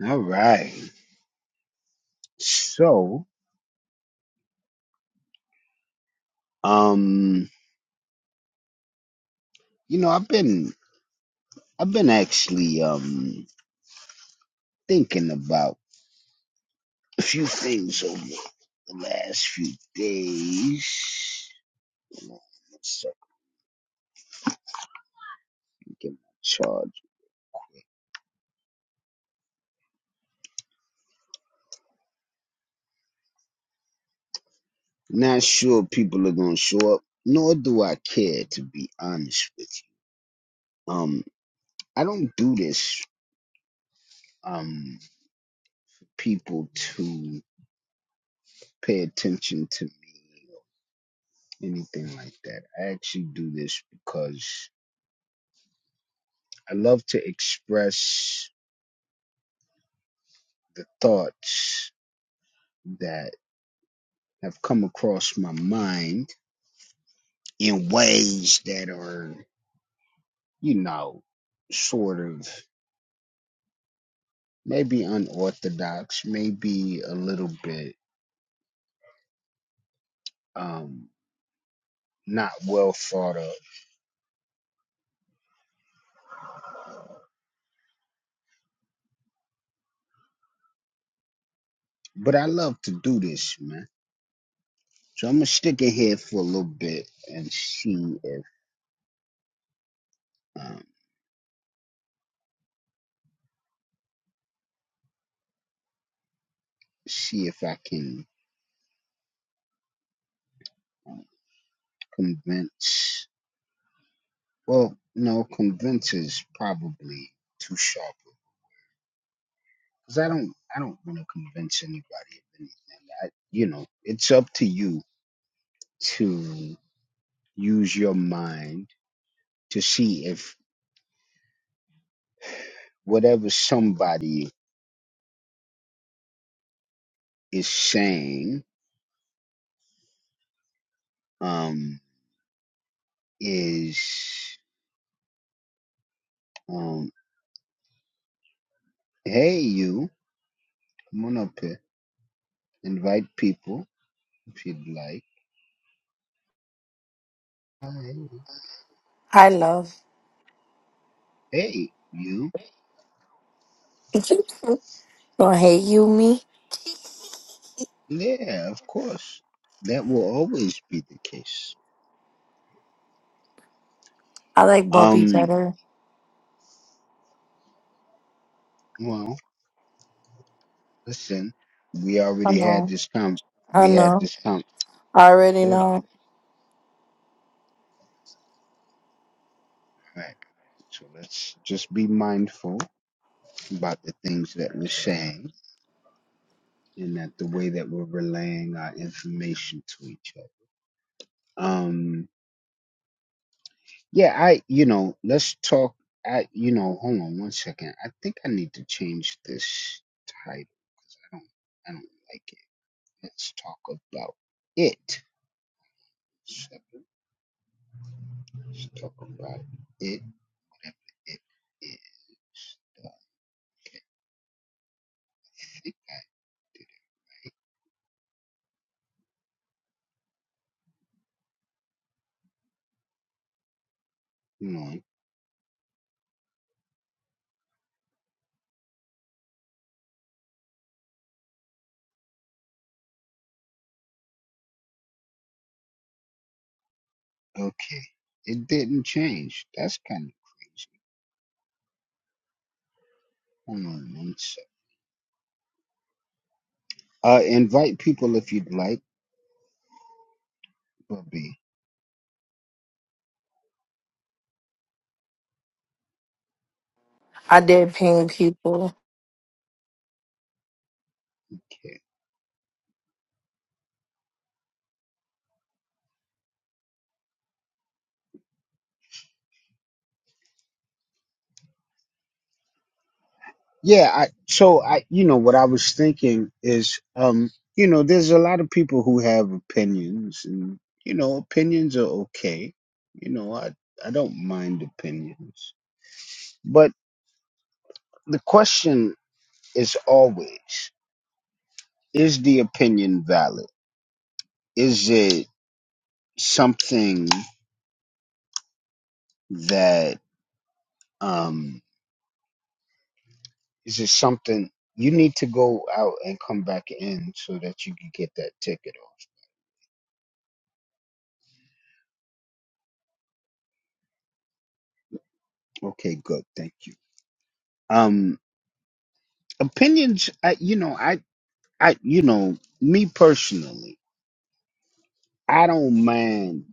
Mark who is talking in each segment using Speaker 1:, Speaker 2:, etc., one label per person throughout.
Speaker 1: All right. So, um, you know, I've been I've been actually um thinking about a few things over the last few days. Hold on one second, get my charge. Not sure people are gonna show up, nor do I care to be honest with you. Um, I don't do this um people to pay attention to me, anything like that. I actually do this because I love to express the thoughts that have come across my mind in ways that are, you know, sort of maybe unorthodox, maybe a little bit um not well thought of. But I love to do this, man. So I'm gonna stick it here for a little bit and see if um see if I can um, convince Well, no, convince is probably too sharp because I don't, I don't want to convince anybody of anything. I, you know, it's up to you to use your mind to see if whatever somebody is saying um, is, um, hey, you, come on up here, invite people if you'd like. Hi.
Speaker 2: I love.
Speaker 1: Hey, you,
Speaker 2: Don't hate you, me.
Speaker 1: yeah, of course. That will always be the case.
Speaker 2: I like Bubby
Speaker 1: um.
Speaker 2: better.
Speaker 1: Well, listen, we
Speaker 2: I
Speaker 1: already had
Speaker 2: know.
Speaker 1: this com.
Speaker 2: I
Speaker 1: We had
Speaker 2: know.
Speaker 1: this com.
Speaker 2: I already
Speaker 1: Okay,
Speaker 2: know.
Speaker 1: all right. So let's just be mindful about the things that we're saying and that the way that we're relaying our information to each other. Um, yeah, I, you know, let's talk. I, you know, hold on one second. I think I need to change this title. I don't, I don't like it. Let's talk about it. Let's talk about it. Whatever it is. I think I, Come on. Okay. It didn't change. That's kind of crazy. Hold on one sec. Uh, invite people if you'd like, Bobby.
Speaker 2: I did ping people.
Speaker 1: okay. Yeah. I, so I, you know, what I was thinking is, um, you know, there's a lot of people who have opinions, and you know, opinions are okay. You know, I I don't mind opinions, but the question is always: Is the opinion valid? Is it something? that um is it something you need to go out and come back in so that you can get that ticket off okay good thank you um opinions I, you know i i you know me personally i don't mind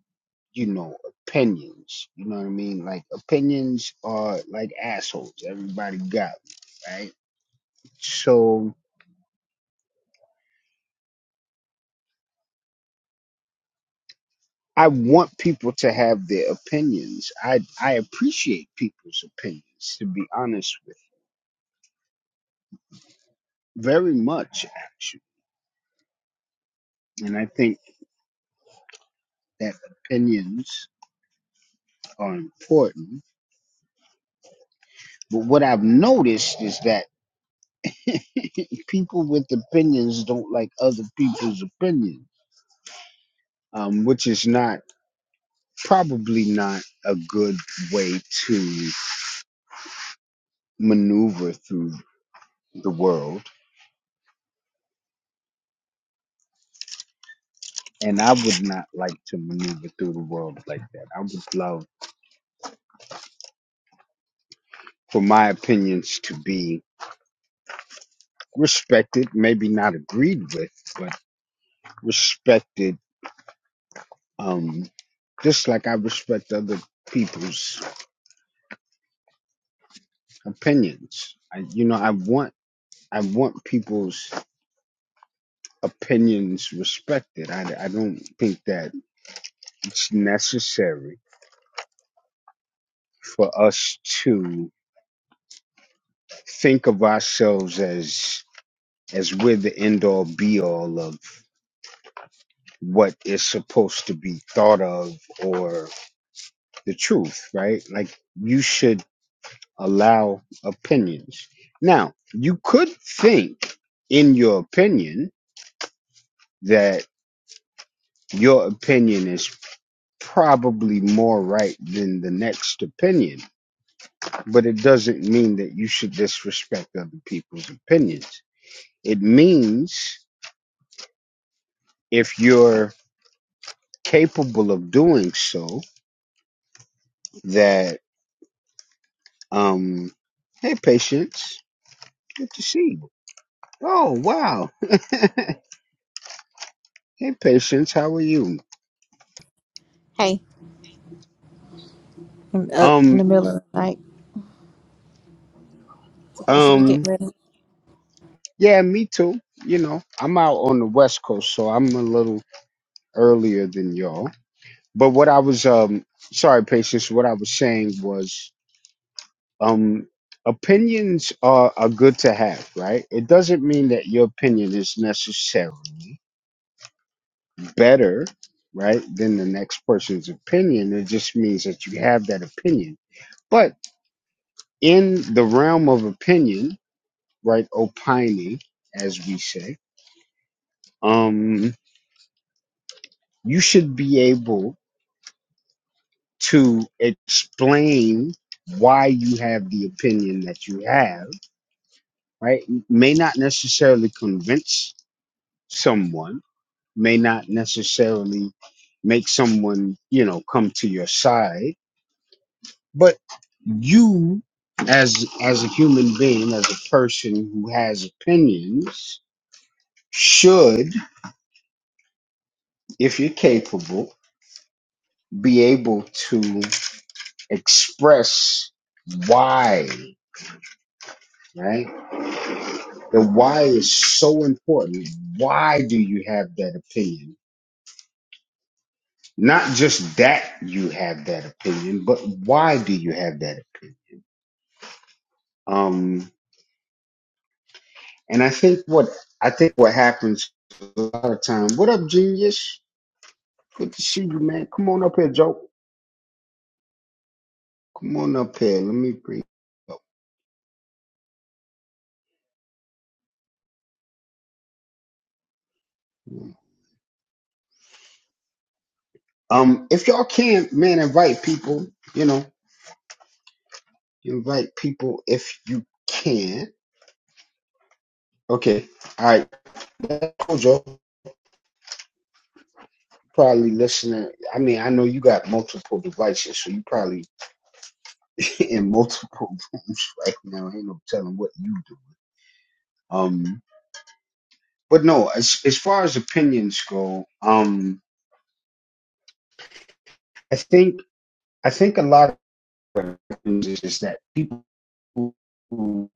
Speaker 1: you know opinions you know what i mean like opinions are like assholes everybody got 'em, right so I want people to have their opinions. I I appreciate people's opinions, to be honest with. you. Very much, actually. And I think that opinions are important. But what I've noticed is that people with opinions don't like other people's opinions, um, which is not probably not a good way to maneuver through the world. And I would not like to maneuver through the world like that. I would love for my opinions to be respected, maybe not agreed with, but respected Um, just like I respect other people's opinions. I, you know, I want I want people's opinions respected. I, I don't think that it's necessary for us to think of ourselves as as we're the end all be all of what is supposed to be thought of or the truth, right? Like you should allow opinions. Now, you could think in your opinion that your opinion is probably more right than the next opinion, but it doesn't mean that you should disrespect other people's opinions. It means if you're capable of doing so that um hey patience good to see you oh wow hey patience how are you
Speaker 3: Hey, I'm up in
Speaker 1: um
Speaker 3: the middle of the night. Supposed to be
Speaker 1: um
Speaker 3: getting ready.
Speaker 1: Yeah, me too. You know, I'm out on the West Coast, so I'm a little earlier than y'all. But what I was um sorry, patience, what I was saying was um opinions are, are good to have, right? It doesn't mean that your opinion is necessarily better, right, than the next person's opinion. It just means that you have that opinion. But in the realm of opinion, right, opining, as we say, um, you should be able to explain why you have the opinion that you have, right? May not necessarily convince someone, may not necessarily make someone, you know, come to your side, but you as as a human being, as a person who has opinions, should, if you're capable, be able to express why right? The why is so important. Why do you have that opinion? Not just that you have that opinion, but why do you have that opinion? Um, and I think what I think what happens a lot of time. What up, genius? Good to see you, man. Come on up here, Joe. Come on up here. Let me bring. you up. Um, if y'all can, man, invite people. You know, invite people if you can. Okay. All right. Cool, Joe. probably listening. I mean, I know you got multiple devices, so you probably in multiple rooms right now. Ain't no telling what you do. Um, but no, as as far as opinions go, um, I think I think a lot of it is is that people who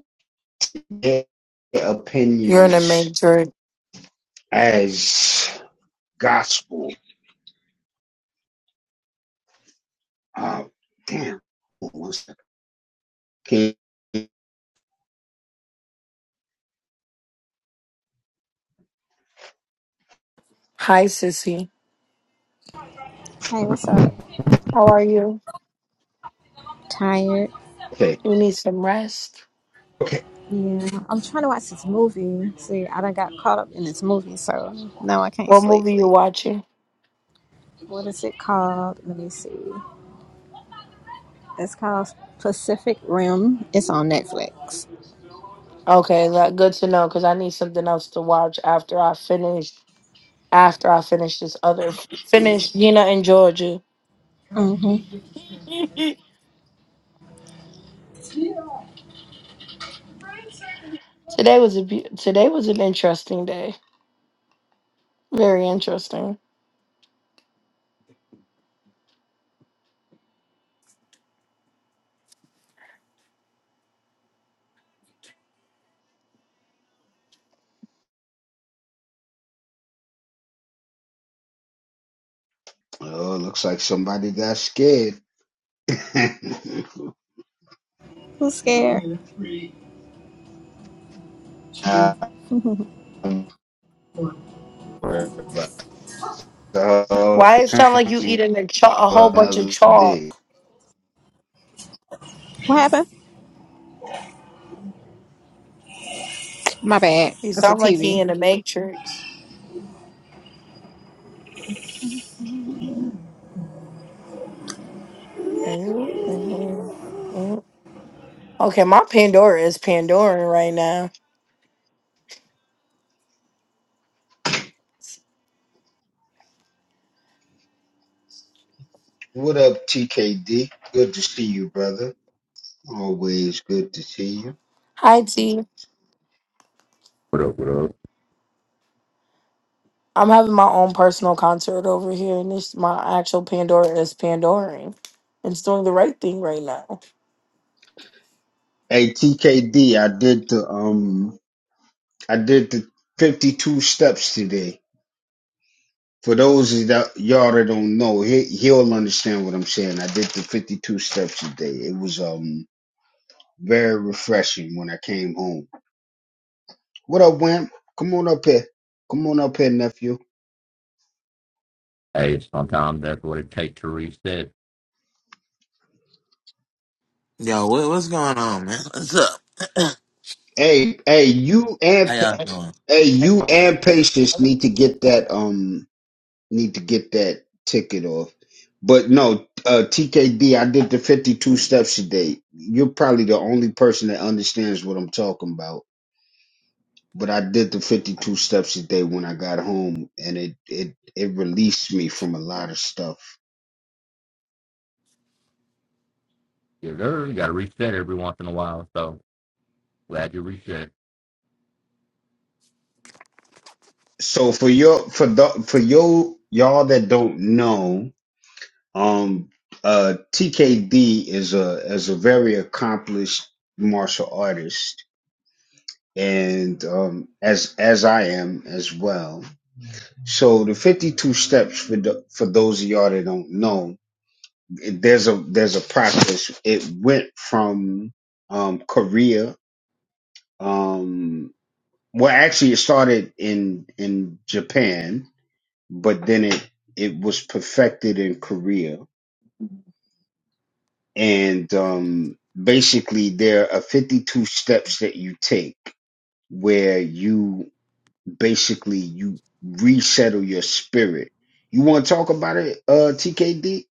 Speaker 1: get their
Speaker 2: You're in the
Speaker 1: opinions
Speaker 2: matrix.
Speaker 1: as gospel. Uh, damn, one second. Okay,
Speaker 2: Hi, sissy.
Speaker 3: Hey, what's up?
Speaker 2: How are you?
Speaker 3: Tired.
Speaker 1: okay,
Speaker 2: You need some rest.
Speaker 1: okay.
Speaker 3: Yeah, I'm trying to watch this movie. See, I done got caught up in this movie, so now I can't
Speaker 2: What
Speaker 3: sleep.
Speaker 2: movie you watching?
Speaker 3: What is it called? Let me see. It's called Pacific Rim. It's on Netflix.
Speaker 2: Okay, that good to know because I need something else to watch after I finish. After I finish this other, finish Gina and Georgia.
Speaker 3: Mm-hmm.
Speaker 2: today was a be- today was an interesting day. Very interesting.
Speaker 1: Oh, looks like somebody got scared.
Speaker 3: Who's scared?
Speaker 1: I'm
Speaker 3: what
Speaker 1: worried
Speaker 2: Why it sound like you
Speaker 1: country
Speaker 2: eating a, cho- a
Speaker 1: for
Speaker 2: whole bunch of
Speaker 1: another
Speaker 2: chalk?
Speaker 1: day.
Speaker 3: happened? My bad.
Speaker 2: You
Speaker 3: It's a
Speaker 2: sound like he
Speaker 3: TV.
Speaker 2: in the Matrix. Mm-hmm. Okay, my Pandora is Pandoring right now.
Speaker 1: What up, TKD? Good to see you, brother. Always good to see you.
Speaker 2: Hi T.
Speaker 4: Well,
Speaker 2: I'm having my own personal concert over here, and this my actual Pandora is Pandoring. It's doing the right thing right now.
Speaker 1: Hey, TKD, I did the um, I did the 52 steps today. For those of that y'all that don't know, he, he'll understand what I'm saying. I did the 52 steps today. It was um very refreshing when I came home. What up, Wimp? Come on up here. Come on up here, nephew.
Speaker 4: Hey, sometimes that's what it takes to reset.
Speaker 5: Yo, what, what's going on, man? What's up?
Speaker 1: Hey, hey, you
Speaker 5: How
Speaker 1: and Pa-
Speaker 5: y'all
Speaker 1: hey, you and patience need to get that um need to get that ticket off. But no, uh TKD, I did the 52 steps today. You're probably the only person that understands what I'm talking about. But I did the 52 steps today when I got home and it it it released me from a lot of stuff.
Speaker 4: Yes, sir. You got to reset every once in a while. So glad you reset.
Speaker 1: So for your for the for your y'all that don't know, Um, uh, TKD is a is a very accomplished martial artist, and um, as as I am as well. So the fifty two steps for the, for those of y'all that don't know, it- there's a there's a process. It went from um, Korea. Um, well, actually, it started in in Japan, but then it it was perfected in Korea and um, basically there are 52 steps that you take where you basically you resettle your spirit you want to talk about it uh tkd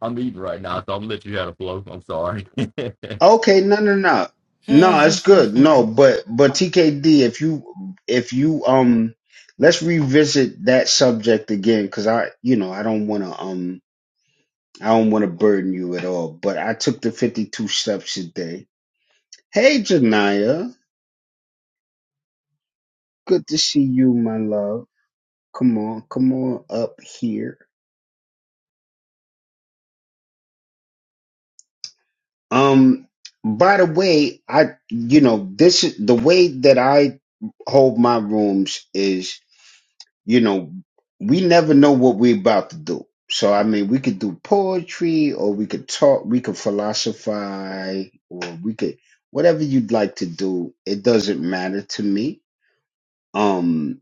Speaker 4: I'm eating right now, so I'm gonna let you have a flow. I'm sorry.
Speaker 1: okay no no no
Speaker 5: doing?
Speaker 1: no it's good no but but tkd if you if you um let's revisit that subject again because i you know i don't want to um i don't want to burden you at all but i took the 52 steps today hey janiyah Good to see you, my love. Come on, come on up here. Um, by the way, I, you know, this is the way that I hold my rooms is, you know, we never know what we're about to do. So, I mean, we could do poetry or we could talk, we could philosophize or we could, whatever you'd like to do. It doesn't matter to me. Um,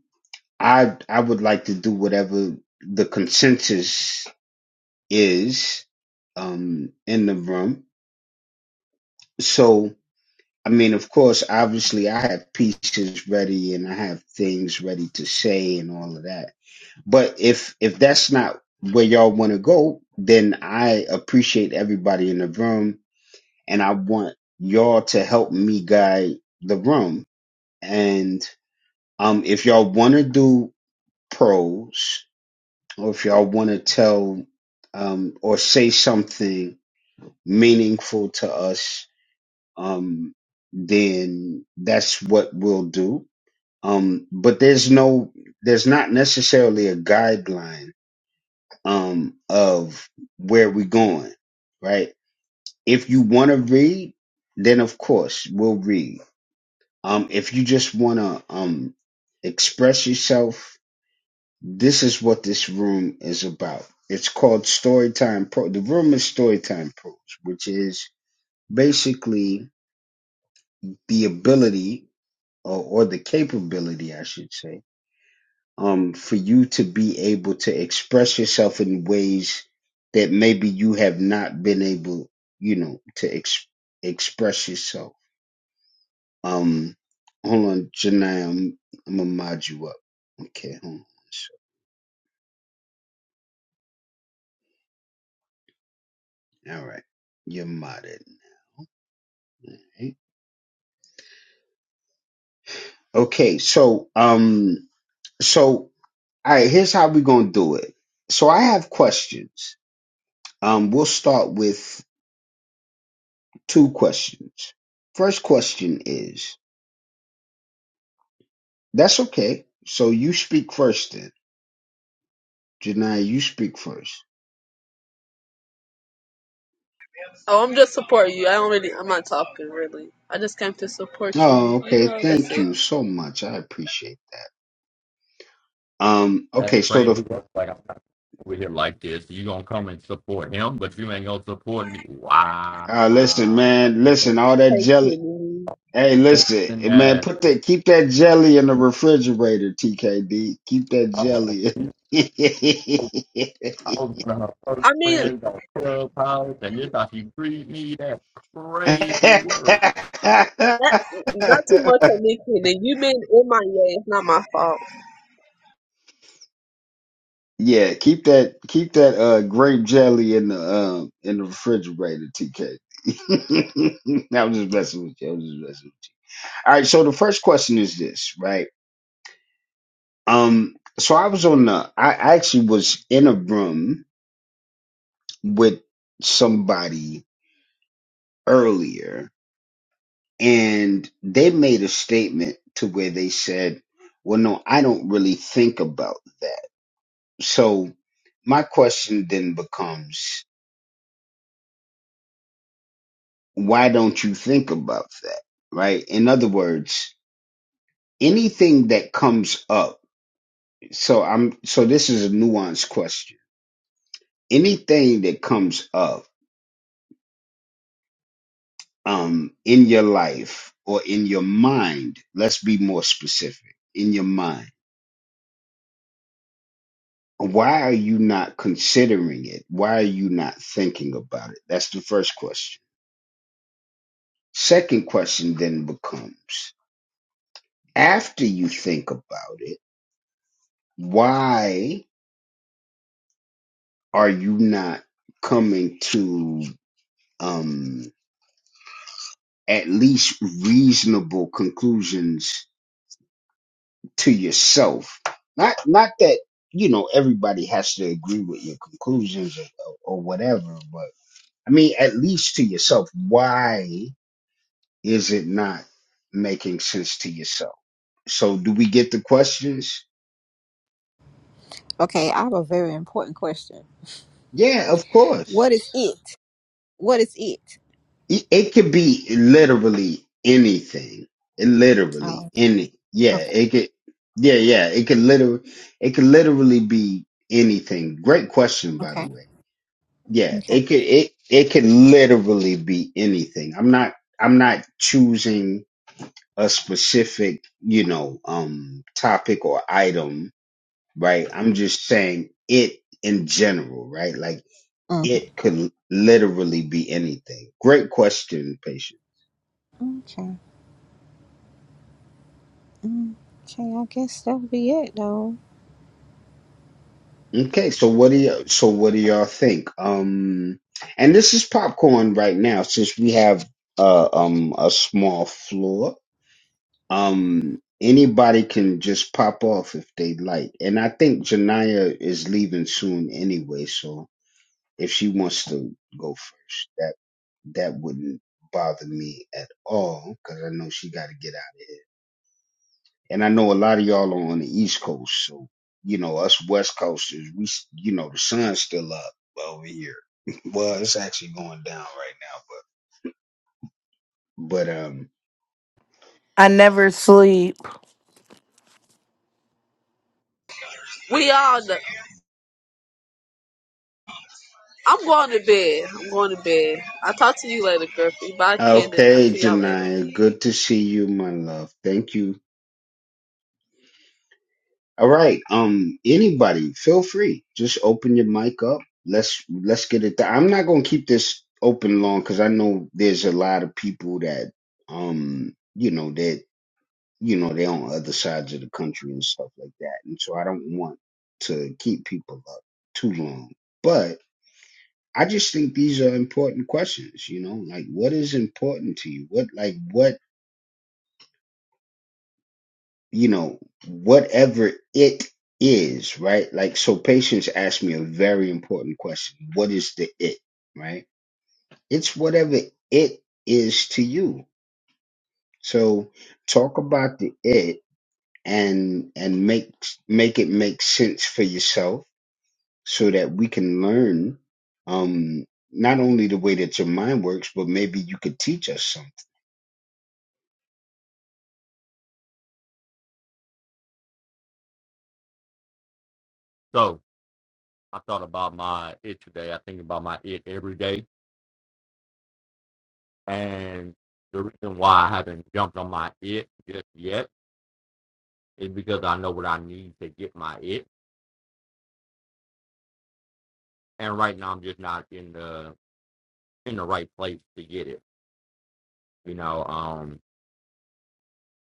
Speaker 1: I, I would like to do whatever the consensus is um, in the room. So, I mean, of course, obviously, I have pieces ready and I have things ready to say and all of that. But if if that's not where y'all want to go, then I appreciate everybody in the room, and I want y'all to help me guide the room. And um, if y'all want to do pros, or if y'all want to tell um, or say something meaningful to us um, then that's what we'll do. Um, but there's no, there's not necessarily a guideline um, of where we're going, right? If you want to read, then of course we'll read. Um, if you just want to um, express yourself, this is what this room is about. It's called Storytime Pro. The room is Storytime Pros, which is basically the ability or, or the capability, I should say, um, for you to be able to express yourself in ways that maybe you have not been able, you know, to ex- express yourself. Um, hold on, Janai, I'm, I'm gonna mod you up. Okay, hold on. So, all right, you're modded. right? Okay, so um, so all right, here's how we're gonna do it. So I have questions. Um, we'll start with Two questions. First question is, that's okay. So you speak first then. Janai, you speak first.
Speaker 6: Oh, I'm just supporting you. I don't really. I'm not talking really. I just came to support you.
Speaker 1: Oh,
Speaker 6: You
Speaker 1: okay.
Speaker 6: know, that's
Speaker 1: Thank
Speaker 6: it.
Speaker 1: you so much. I appreciate that. Um,
Speaker 4: that's
Speaker 1: okay, so the
Speaker 4: crazy. like I'm not over here like this. You gonna come and support him, but you ain't gonna support me. Wow.
Speaker 1: uh listen,
Speaker 4: I thought
Speaker 1: man,
Speaker 4: we
Speaker 1: listen,
Speaker 4: were
Speaker 1: all that
Speaker 6: Thank you.
Speaker 1: jelly.
Speaker 6: Nene.
Speaker 1: Hey, listen,
Speaker 4: in
Speaker 1: eh, man,
Speaker 4: that.
Speaker 1: put that keep that
Speaker 4: Come
Speaker 1: jelly in the refrigerator, TKD. Keep that
Speaker 4: on.
Speaker 1: jelly.
Speaker 4: I was one of her first
Speaker 6: I mean,
Speaker 4: friends on Clubhouse, and this how she treated me. That's crazy work.
Speaker 6: that, not too much on me, Kenny. You been in my way. It's not my fault.
Speaker 1: Yeah, keep that keep that uh grape jelly in the um in the refrigerator, TK. I was just messing with you. I was just messing with you. All right, so the first question is this, right? Um, so I was on the I actually was in a room with somebody earlier and they made a statement to where they said, Well, no, I don't really think about that. So my question then becomes why don't you think about that right in other words anything that comes up so i'm so this is a nuanced question anything that comes up um in your life or in your mind let's be more specific in your mind why are you not considering it why are you not thinking about it that's the first question second question then becomes after you think about it why are you not coming to um at least reasonable conclusions to yourself not not that you know everybody has to agree with your conclusions or, or or whatever but i mean at least to yourself why is it not making sense to yourself so do we get the questions
Speaker 3: Okay, I have a very important question.
Speaker 1: yeah of course
Speaker 3: What is it? What is it?
Speaker 1: it it could be literally anything. It literally
Speaker 3: Oh,
Speaker 1: any yeah, it could yeah, yeah, it could literally it could literally be anything. Great question by the
Speaker 3: okay.
Speaker 1: way. Yeah,
Speaker 3: Okay.
Speaker 1: it could it it could literally be anything. I'm not I'm not choosing a specific, you know, um topic or item, right? I'm just saying it in general, right? Like
Speaker 3: Mm-hmm.
Speaker 1: it could literally be anything. Great question, patient.
Speaker 3: Okay. Mm, Okay, I guess that'll be it though.
Speaker 1: Okay, so what do you so what do y'all think? Um and this is popcorn right now since we have uh um a small floor. Um anybody can just pop off if they like. And I think Janaya is leaving soon anyway, so if she wants to go first, that that wouldn't bother me at all cuz I know she got to get out of here and I know a lot of y'all are on the East Coast, so you know us West Coasters, we s- you know the sun's still up over here. well, it's actually going down right now, but but um,
Speaker 2: I never sleep.
Speaker 6: We all. Know. I'm going to bed. I'm going to bed. I'll talk to you later, girlfriend. Bye, Kenneth. I'll
Speaker 1: okay,
Speaker 6: see y'all later.
Speaker 1: Janaya, good to see you, my love. Thank you. All right, um, anybody, feel free, just open your mic up. Let's let's get it. Down. I'm not gonna keep this open long because I know there's a lot of people that um, you know that you know, they're on other sides of the country and stuff like that. And so I don't want to keep people up too long. But I just think these are important questions, you know, like what is important to you? What, like, what, you know, whatever it is, right? Like, so patients asked me a very important question What is the it, right? It's whatever it is to you. So talk about the it and and make make it make sense for yourself so that we can learn um not only the way that your mind works but maybe you could teach us something
Speaker 4: So I thought about my it today. I think about my it every day. And the reason why I haven't jumped on my it just yet is because I know what I need to get my it. And right now I'm just not in the in the right place to get it. You know, um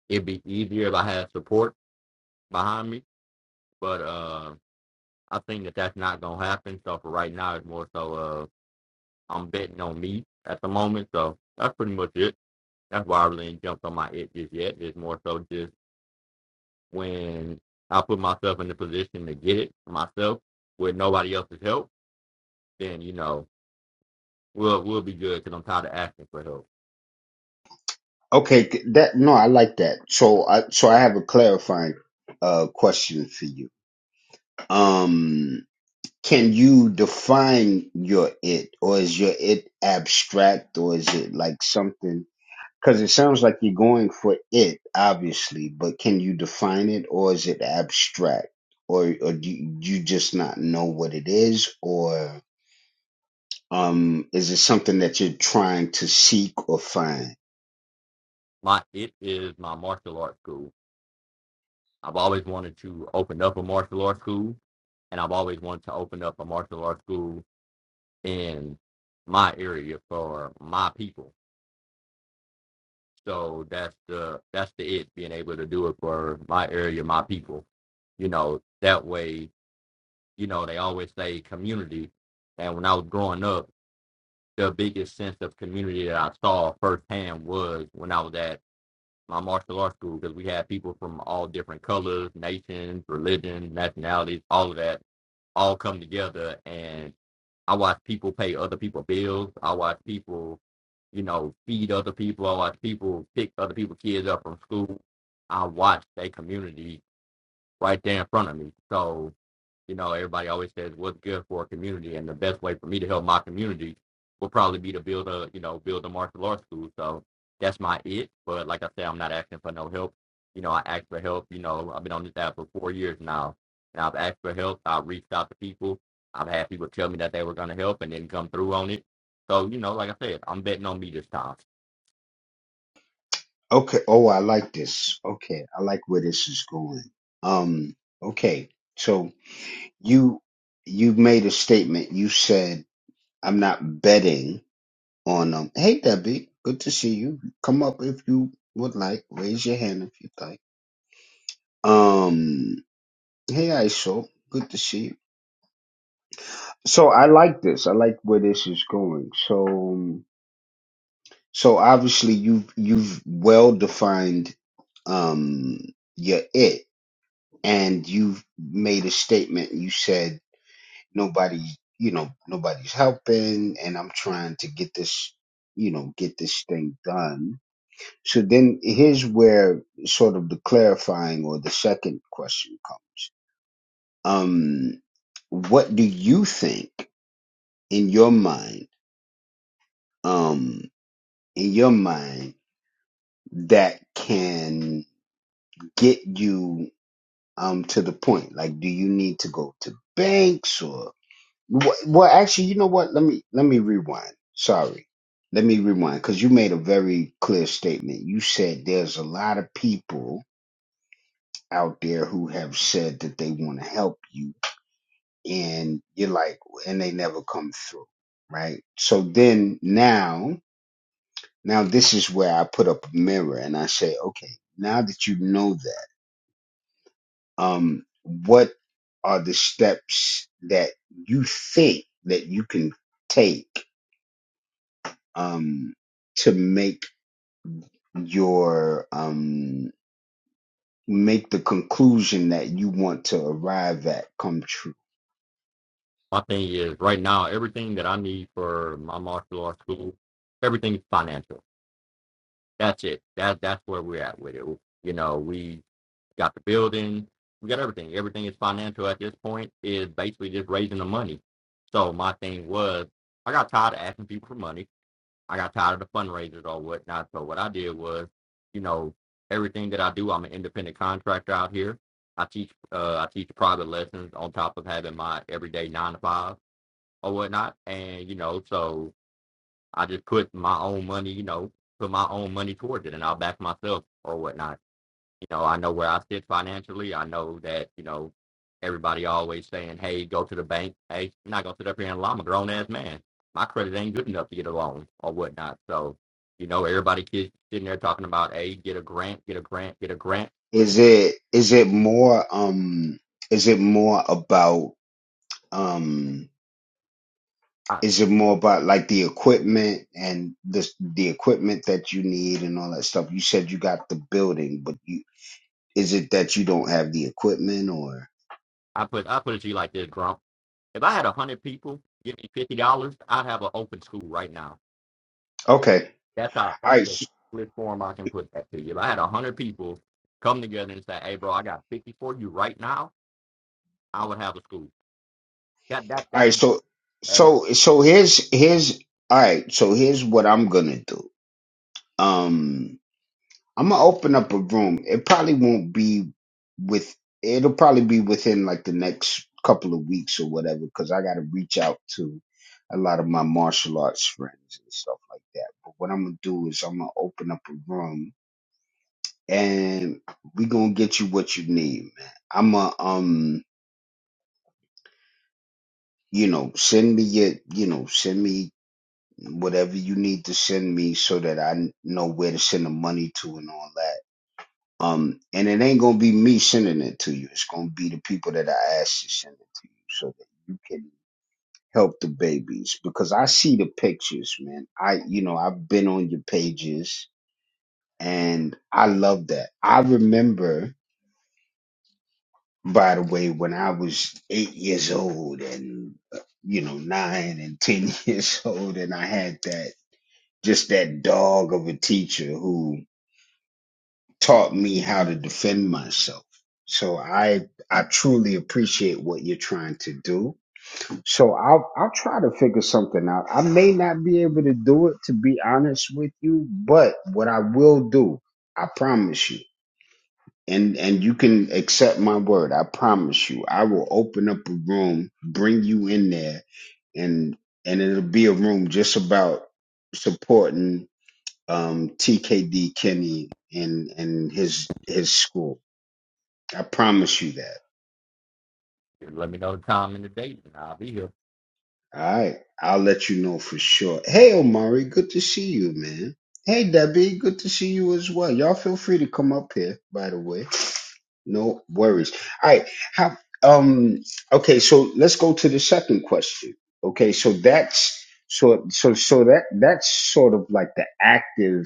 Speaker 4: it'd be easier if I had support behind me, but uh I think that that's not going to happen. So for right now it's more so uh I'm betting on me at the moment. So that's pretty much it. That's why I really ain't jumped on my it just yet. It's more so just when I put myself in the position to get it myself with nobody else's help, then you know we'll we'll be good because I'm tired of asking for help.
Speaker 1: okay th- that no i like that so i so i have a clarifying uh question for you um can you define your it or is your it abstract or is it like something because it sounds like you're going for it obviously but can you define it or is it abstract or or do you you just not know what it is or Um, is it something that you're trying to seek or find?
Speaker 4: My it is my martial arts school. I've always wanted to open up a martial arts school, and I've always wanted to open up a martial arts school in my area for my people. So that's the that's the it being able to do it for my area, my people. You know that way you know, they always say community. And when I was growing up, the biggest sense of community that I saw firsthand was when I was at my martial arts school because we had people from all different colors, nations, religions, nationalities, all of that, all come together. And I watched people pay other people bills. I watched people, you know, feed other people. I watched people pick other people's kids up from school. I watched a community right there in front of me. So you know, everybody always says what's good for a community, and the best way for me to help my community will probably be to build a, you know, build a martial arts school. So that's my it. But like I said, I'm not asking for no help. You know, I asked for help. You know, I've been on this app for four years now, and I've asked for help. I have reached out to people. I've had people tell me that they were going to help and didn't come through on it. So you know, like I said, I'm betting on me this time.
Speaker 1: Okay. Oh, I like this. Okay. I like where this is going. Um, okay. So you, you made a statement. You said, I'm not betting on, them. hey, Debbie, good to see you. Come up if you would like. Raise your hand if you'd like. Um, hey, ISO, good to see you. So I like this. I like where this is going. So, um, So obviously you've you've well defined um your it and you've made a statement you said nobody you know nobody's helping and I'm trying to get this you know get this thing done. So then here's where sort of the clarifying or the second question comes. Um what do you think in your mind um in your mind that can get you um to the point? Like, do you need to go to banks or what? Well, actually, you know what? Let me let me rewind. Sorry, let me rewind because you made a very clear statement. You said there's a lot of people out there who have said that they want to help you, and you're like, and they never come through, right? So then now, now this is where I put up a mirror and I say, okay, now that you know that. um, what are the steps that you think that you can take um, to make your um, make the conclusion that you want to arrive at come true?
Speaker 4: My thing is right now, everything that I need for my martial arts school, everything is financial That's it. That that's where we're at with it. You know, we got the building, we got everything. Everything is financial at this point. Is basically just raising the money. So my thing was, I got tired of asking people for money. I got tired of the fundraisers or whatnot. So what I did was, you know, everything that I do, I'm an independent contractor out here. I teach uh I teach private lessons on top of having my everyday nine to five or whatnot. And you know, so I just put my own money, you know, put my own money towards it, and I'll back myself or whatnot. You know, I know where I sit financially. I know that you know everybody always saying, "Hey, go to the bank." Hey, I'm not gonna sit up here and lie. I'm a grown ass man. My credit ain't good enough to get a loan or whatnot. So, you know, everybody keeps sitting there talking about, "Hey, get a grant, get a grant, get a grant."
Speaker 1: Is it is it more um, is it more about um,
Speaker 4: I,
Speaker 1: is it more about like the equipment and the the equipment that you need and all that stuff? You said you got the building, but you Is it that you don't have the equipment or
Speaker 4: I put I put it to you like this, Grump. If I had a hundred people give me fifty dollars, I'd have an open school right now
Speaker 1: Okay.
Speaker 4: That's how
Speaker 1: All
Speaker 4: that's
Speaker 1: right.
Speaker 4: the
Speaker 1: s-
Speaker 4: clearest form I can put that to you. If I had one hundred people come together and say, "Hey, bro, I got fifty for you right now," I would have a school. That that
Speaker 1: All
Speaker 4: that
Speaker 1: right, so
Speaker 4: and that.
Speaker 1: so so here's here's all right, so here's what I'm going to do. Um I'm going to open up a room. It probably won't be with it'll probably be within like the next couple of weeks or whatever cuz I got to reach out to a lot of my martial arts friends and stuff like that. But what I'm going to do is I'm going to open up a room and we going to get you what you need, man. I'm a um you know, send me your, you know, send me whatever you need to send me so that I n- know where to send the money to and all that. Um, and it ain't gonna be me sending it to you. It's gonna be the people that I ask to send it to you so that you can help the babies because I see the pictures, man. I, you know, I've been on your pages and I love that. I remember, by the way, when I was eight years old and uh, you know, nine and ten years old, and I had that. just that dog of a teacher who taught me how to defend myself. So I I truly appreciate what you're trying to do. So I'll I'll try to figure something out. I may not be able to do it to be honest with you, but what I will do, I promise you. And and you can accept my word. I promise you. I will open up a room, bring you in there and and it'll be a room just about supporting um, TKD Kenny and and his his school. I promise you that.
Speaker 4: Let me know the time and the date, and I'll be here.
Speaker 1: All right, I'll let you know for sure. Hey, Omari, good to see you, man. Hey, Debbie, good to see you as well. Y'all feel free to come up here, by the way. No worries. All right, how? Um, okay, so let's go to the second question. Okay, so that's so so so that that's sort of like the active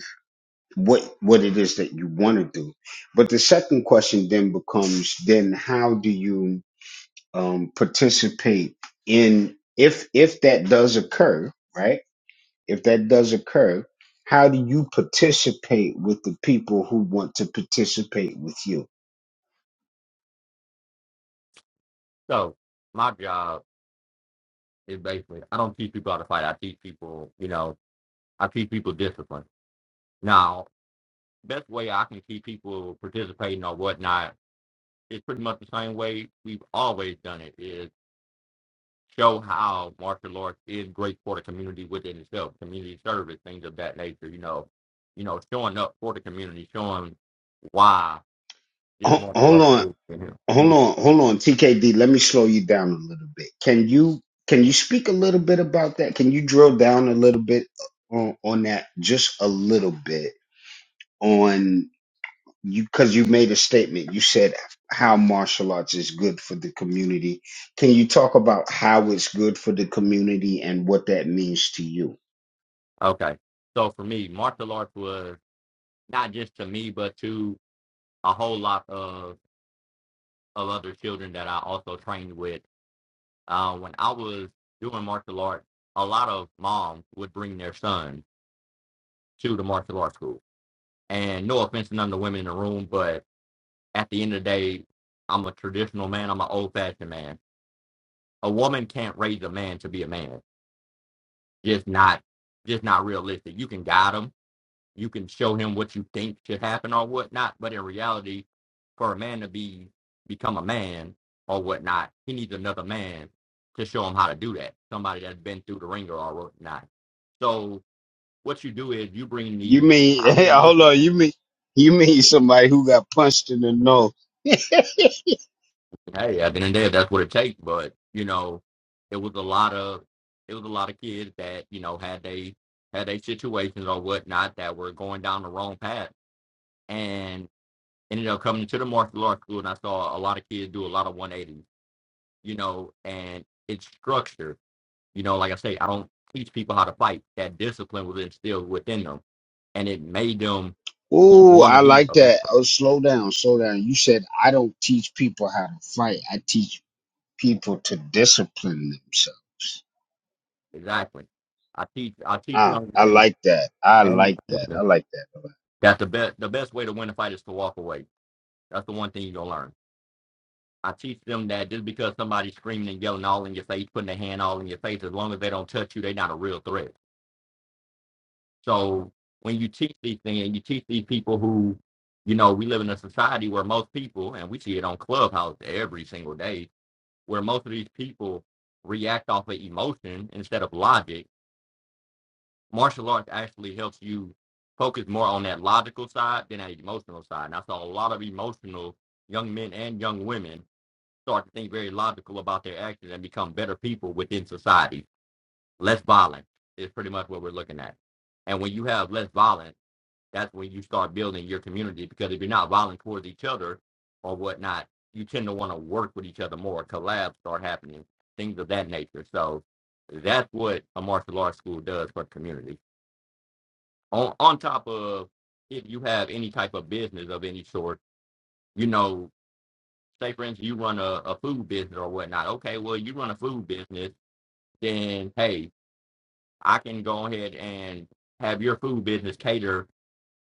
Speaker 1: what what it is that you want to do. But the second question then becomes then how do you um, participate in if if that does occur, right? If that does occur, how do you participate with the people who want to participate with you?
Speaker 4: So my job is basically I don't teach people how to fight. I teach people, you know, I teach people discipline. Now, best way I can see people participating or whatnot is pretty much the same way we've always done it. Is show how martial arts is great for the community within itself, community service, things of that nature. You know, you know, showing up for the community, showing why this
Speaker 1: Ho-
Speaker 4: martial
Speaker 1: Hold
Speaker 4: arts
Speaker 1: on,
Speaker 4: group in here.
Speaker 1: hold
Speaker 4: Mm,
Speaker 1: on, hold on, TKD. Let me slow you down a little bit. Can you can you speak a little bit about that? Can you drill down a little bit on, on that, just a little bit? on you because you made a statement you said how martial arts is good for the community can you talk about how it's good for the community and what that means to you
Speaker 4: Okay, so for me, martial arts was not just to me, but to a whole lot of of other children that I also trained with. Uh, when I was doing martial arts, a lot of moms would bring their sons to the martial arts school. And no offense to none of the women in the room, but at the end of the day, I'm a traditional man. I'm an old fashioned man. A woman can't raise a man to be a man. Just not, just not realistic. You can guide him. You can show him what you think should happen or whatnot. But in reality, for a man to be become a man or whatnot, he needs another man to show him how to do that. Somebody that's been through the ringer or whatnot. So what you do is you bring
Speaker 1: you
Speaker 4: these
Speaker 1: mean
Speaker 4: highly
Speaker 1: hey
Speaker 4: emotional
Speaker 1: hold on you mean you mean somebody who got punched in the nose
Speaker 4: Hey, at the end of the day, that's what it takes. But you know, it was a lot of it was a lot of kids that you know had they had they situations or whatnot that were going down the wrong path and ended up coming to the martial arts school. And I saw a lot of kids do a lot of 180s, you know, and it's structure. You know, like I say, I don't teach people how to fight. That discipline was instilled within them, and it made them
Speaker 1: Ooh,
Speaker 4: want to
Speaker 1: I
Speaker 4: be
Speaker 1: like
Speaker 4: a better.
Speaker 1: that.
Speaker 4: person.
Speaker 1: Oh, slow down, slow down. You said I don't teach people how to fight. I teach people to discipline themselves.
Speaker 4: Exactly. I teach I teach
Speaker 1: Ah,
Speaker 4: young
Speaker 1: I
Speaker 4: men
Speaker 1: like that. I
Speaker 4: and
Speaker 1: like that.
Speaker 4: women
Speaker 1: I like that.
Speaker 4: That's the best. The best way to win a fight is to walk away. That's the one thing you're gonna learn. I teach them that just because somebody's screaming and yelling all in your face, putting their hand all in your face, as long as they don't touch you, they're not a real threat. So when you teach these things, you teach these people who, you know, we live in a society where most people, and we see it on Clubhouse every single day, where most of these people react off of emotion instead of logic martial arts actually helps you focus more on that logical side than that emotional side. And I saw a lot of emotional young men and young women start to think very logical about their actions and become better people within society. Less violent is pretty much what we're looking at. And when you have less violence, that's when you start building your community because if you're not violent towards each other or whatnot, you tend to want to work with each other more. Collabs start happening, things of that nature. So that's what a martial arts school does for the community on on top of if you have any type of business of any sort, you know, say for instance you run a, a food business or whatnot. Okay, well you run a food business, then hey, I can go ahead and have your food business cater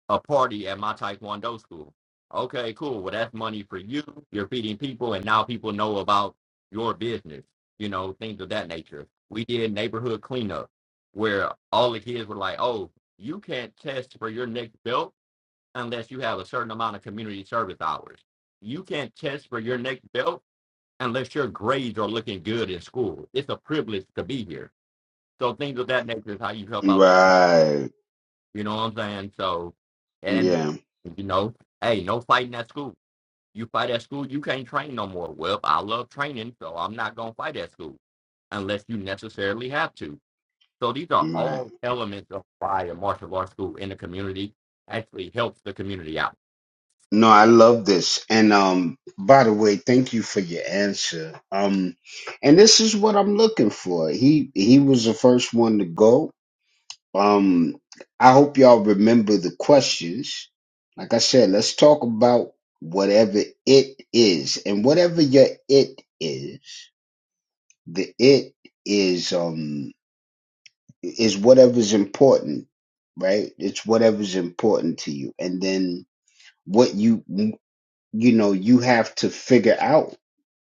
Speaker 4: a party at my Taekwondo school. Okay, cool. Well that's money for you. You're feeding people and now people know about your business, you know, things of that nature. We did neighborhood cleanup where all the kids were like, Oh, you can't test for your next belt unless you have a certain amount of community service hours. You can't test for your next belt unless your grades are looking good in school. It's a privilege to be here. So things of that nature is how you help out.
Speaker 1: Right.
Speaker 4: You know what I'm saying? So, and
Speaker 1: Yeah.
Speaker 4: you know, hey, no fighting at school. You fight at school, you can't train no more. Well, I love training, so I'm not gonna fight at school unless you necessarily have to. So these are
Speaker 1: Right.
Speaker 4: all elements of why a martial arts school in the community actually helps the community out.
Speaker 1: No, I love this. And um by the way, thank you for your answer. Um and this is what I'm looking for. He he was the first one to go. Um I hope y'all remember the questions. Like I said, let's talk about whatever it is. And whatever your it is, the it is um is whatever's important, right? It's whatever's important to you. And then what you you know, you have to figure out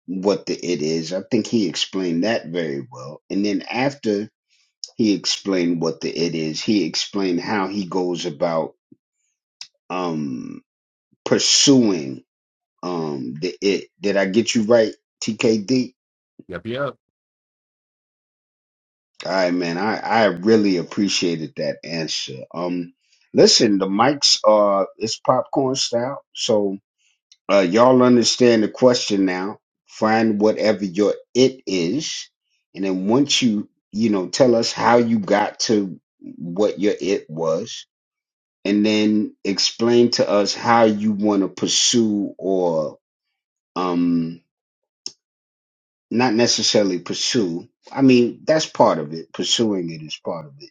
Speaker 1: what the it is. I think he explained that very well. And then after he explained what the it is, he explained how he goes about um pursuing um the it. Did I get you right, TKD?
Speaker 4: Yep, yep.
Speaker 1: All right, man. I I really appreciated that answer. Um listen, the mics are it's popcorn style, so Uh, y'all understand the question now. Find whatever your it is, and then once you you know tell us how you got to what your it was, and then explain to us how you want to pursue or um not necessarily pursue. I mean that's part of it. Pursuing it is part of it,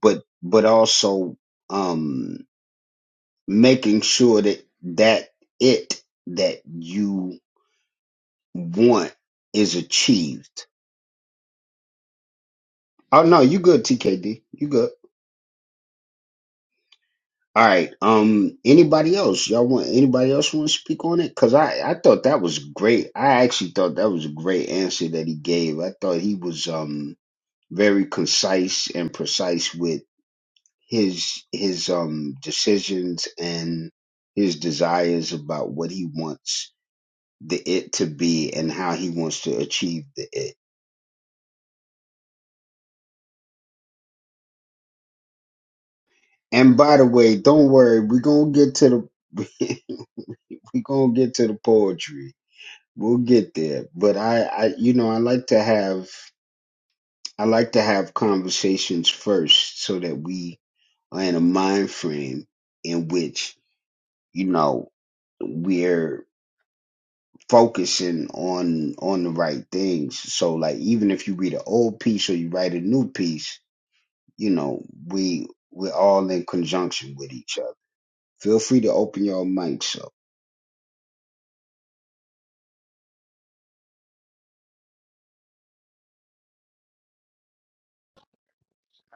Speaker 1: but but also um making sure that that it that you want is achieved. Oh no, you good, TKD. You good. All right. Um anybody else? Y'all want anybody else want to speak on it? Cause I, I thought that was great. I actually thought that was a great answer that he gave. I thought he was um very concise and precise with his his um decisions and his desires about what he wants the it to be and how he wants to achieve the it. And by the way, don't worry, we're gonna get to the We're gonna get to the poetry. We'll get there. But I, I you know, I like to have I like to have conversations first so that we are in a mind frame in which, you know, we're focusing on on the right things. So like even if you read an old piece or you write a new piece, you know, we we're all in conjunction with each other. Feel free to open your mics up.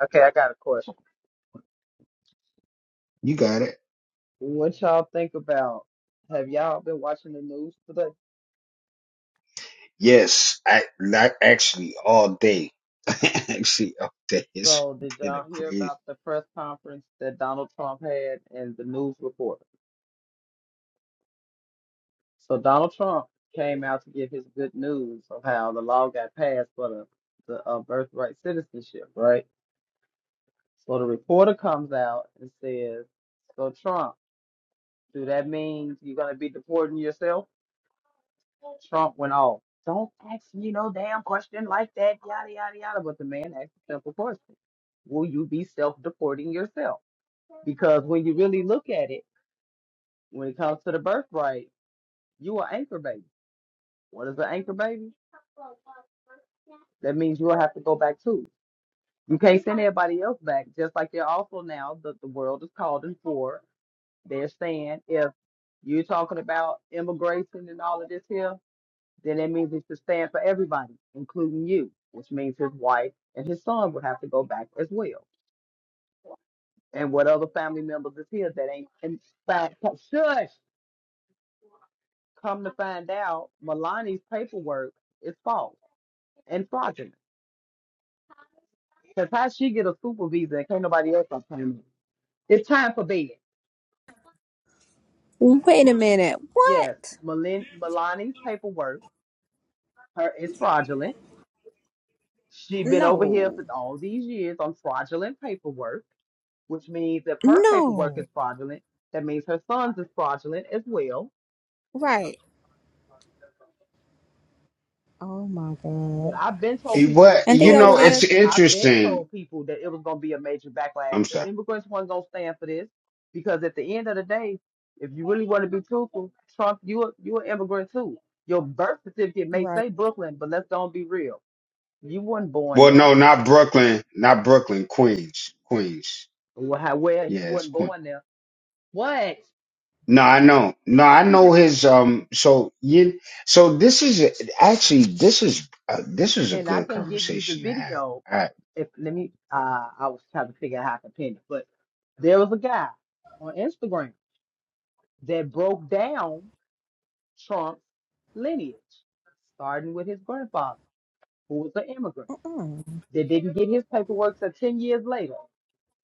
Speaker 7: Okay, I got a question.
Speaker 1: You got it.
Speaker 7: What y'all think about? Have y'all been watching the news today?
Speaker 1: Yes, I not actually all day. actually all day. It's
Speaker 7: So, did
Speaker 1: been a
Speaker 7: y'all hear
Speaker 1: crazy.
Speaker 7: about the press conference that Donald Trump had and the news report? So, Donald Trump came out to give his good news of how the law got passed for the, the uh, birthright citizenship, right? So, the reporter comes out and says, So, Trump, do that mean you're going to be deporting yourself? Trump went off. Don't ask me no damn question like that, yada, yada, yada. But the man asked a simple question Will you be self deporting yourself? Because when you really look at it, when it comes to the birthright, you are anchor baby. What is an anchor baby? That means you will have to go back too. You can't send everybody else back, just like they're also now that the world is calling for. They're saying if you're talking about immigration and all of this here, then that means it should stand for everybody, including you, which means his wife and his son would have to go back as well. And what other family members is here that ain't in fact shush come to find out Milani's paperwork is false and fraudulent. Because how she get a super visa and can't nobody else obtain it? It's time for bed.
Speaker 3: Wait a minute.
Speaker 7: Yes,
Speaker 3: What?
Speaker 7: Melin Milani's paperwork her is fraudulent. She been over here
Speaker 3: No.
Speaker 7: for all these years on fraudulent paperwork. which means if her paperwork
Speaker 3: No.
Speaker 7: is fraudulent, that means her son's is fraudulent as well.
Speaker 3: Right. Oh my
Speaker 7: But
Speaker 3: God.
Speaker 7: I've been told
Speaker 1: Eh,
Speaker 7: people this
Speaker 1: But
Speaker 7: was
Speaker 3: And
Speaker 1: you
Speaker 3: they
Speaker 7: gonna be.
Speaker 3: over
Speaker 1: know,
Speaker 7: I've
Speaker 1: it's
Speaker 3: there.
Speaker 7: I've been
Speaker 1: interesting.
Speaker 7: told people that it was gonna be a major backlash.
Speaker 1: I'm sorry.
Speaker 7: The immigrants weren't gonna stand for this because at the end of the day, if you really want to be truthful, Trump, you a, you an immigrant too. Your birth certificate may
Speaker 3: Right.
Speaker 7: say Brooklyn, but let's don't be real. You weren't born
Speaker 1: Well,
Speaker 7: there.
Speaker 1: no, not Brooklyn, not Brooklyn, Queens, Queens.
Speaker 7: Well, how- well, he
Speaker 1: Yeah, it's
Speaker 7: wasn't
Speaker 1: Queens.
Speaker 7: born there. What?
Speaker 1: No, I know. No, I
Speaker 7: She's
Speaker 1: know
Speaker 7: like,
Speaker 1: his. Um. So you. So this is a, actually this is uh, this is a
Speaker 7: and I
Speaker 1: good
Speaker 7: can give you the
Speaker 1: conversation to have.
Speaker 7: video
Speaker 1: All right.
Speaker 7: if let me uh I was trying to figure out how to pin it, but there was a guy on Instagram that broke down Trump's lineage, starting with his grandfather, who was an immigrant,
Speaker 3: Mm.
Speaker 7: that didn't get his paperwork till ten years later.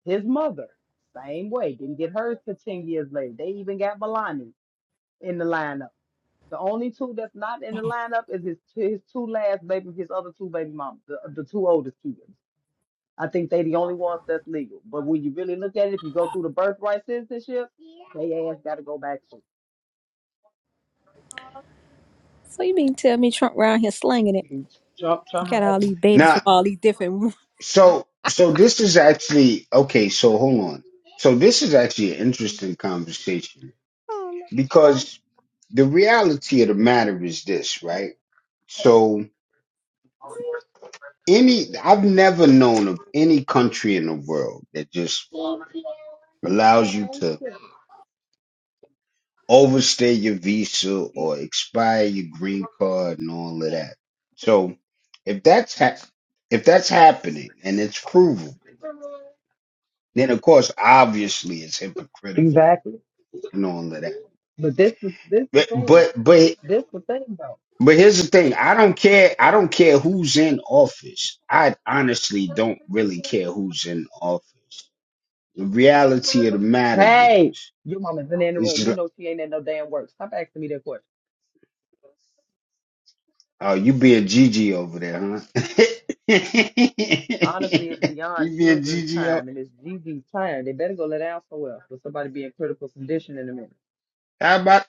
Speaker 7: His mother, same way, didn't get hers till ten years later. They even got Melania in the lineup. The only two that's not in the lineup is his his two last baby, his other two baby moms, the, the two oldest kids. I think they the only ones that's legal. But when you really look at it, if you go through the birthright citizenship, they ass got to go back to
Speaker 3: So you mean tell me Trump round here slinging it?
Speaker 7: Trump. Trump
Speaker 3: Got
Speaker 7: had-
Speaker 3: all these babies
Speaker 1: Now,
Speaker 3: from all these different.
Speaker 1: so so this is actually okay. So hold on. So this is actually an interesting conversation
Speaker 3: Oh,
Speaker 1: because the reality of the matter is this, right? So any I've never known of any country in the world that just allows you to overstay your visa or expire your green card and all of that. So if that's ha- if that's happening and it's provable, then of course obviously it's hypocritical
Speaker 7: exactly.
Speaker 1: and all of that.
Speaker 7: But this is this the
Speaker 1: But
Speaker 7: thing.
Speaker 1: but but
Speaker 7: This the thing though.
Speaker 1: But here's the thing. I don't care. I don't care who's in office. I honestly don't really care who's in office. The reality of the matter
Speaker 7: Hey,
Speaker 1: is,
Speaker 7: your mama's in the
Speaker 1: it's
Speaker 7: room.
Speaker 1: just,
Speaker 7: You
Speaker 1: like-
Speaker 7: know she ain't at no damn work. Stop asking me that question.
Speaker 1: oh, you be a GG over there, huh?
Speaker 7: Honestly, it's beyond
Speaker 1: you be a
Speaker 7: children's
Speaker 1: GG. o-
Speaker 7: time and it's Gigi's time. They better go lay down somewhere for somebody being critical condition in a minute.
Speaker 1: How about,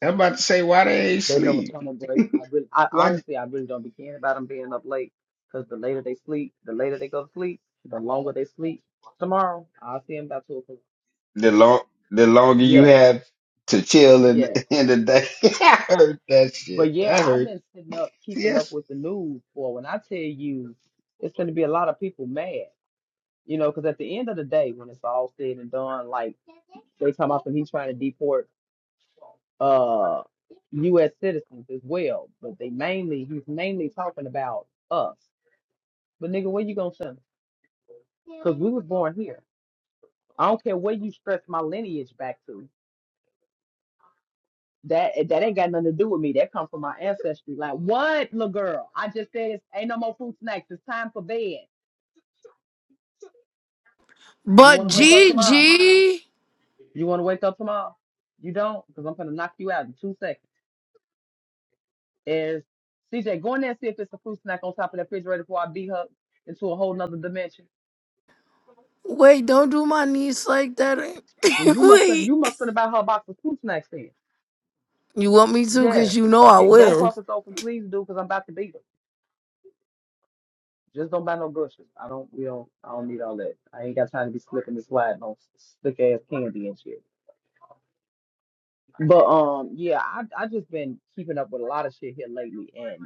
Speaker 1: how about to say why they ain't
Speaker 7: They know it's
Speaker 1: sleep?
Speaker 7: coming, but I really, I
Speaker 1: What
Speaker 7: honestly, I really don't be caring about them being up late, cause the later they sleep, the later they go to sleep, the longer they sleep. Tomorrow, I'll see them about two o'clock.
Speaker 1: the long, the longer you
Speaker 7: Yes,
Speaker 1: have to chill in,
Speaker 7: yes,
Speaker 1: in the day. I heard that shit.
Speaker 7: but yeah,
Speaker 1: I
Speaker 7: I've
Speaker 1: heard.
Speaker 7: been sitting up, keeping up
Speaker 1: yes,
Speaker 7: with the news for when I tell you, it's going to be a lot of people mad, you know, cause at the end of the day, when it's all said and done, like they talking about he's trying to deport uh U.S. citizens as well, but they mainly he's mainly talking about us. But nigga, where you gonna send 'em? because we was born here. I don't care where you stretch my lineage back to. That eh, that ain't got nothing to do with me. That comes from my ancestry. Like what, little girl? I just said it's ain't no more fruit snacks. It's time for bed. You
Speaker 2: But
Speaker 7: want to wake up tomorrow?
Speaker 2: GG,
Speaker 7: You want to wake up tomorrow? You don't, because I'm gonna knock you out in two seconds. Is CJ go in there and see if it's a fruit snack on top of that refrigerator before I beat her into a whole nother dimension?
Speaker 2: wait, don't do my niece like that.
Speaker 7: Then you must
Speaker 2: wait,
Speaker 7: you must have about her a box of fruit snacks then.
Speaker 2: you want me to? Cause
Speaker 7: Yes,
Speaker 2: you know I
Speaker 7: get, go
Speaker 2: will.
Speaker 7: puff is open, please do, because I'm about to beat her. Just don't buy no bushes. I don't. We don't. I don't need all that. I ain't got time to be slipping this sliding on slick ass candy and shit. But um, yeah, I I just been keeping up with a lot of shit here lately, and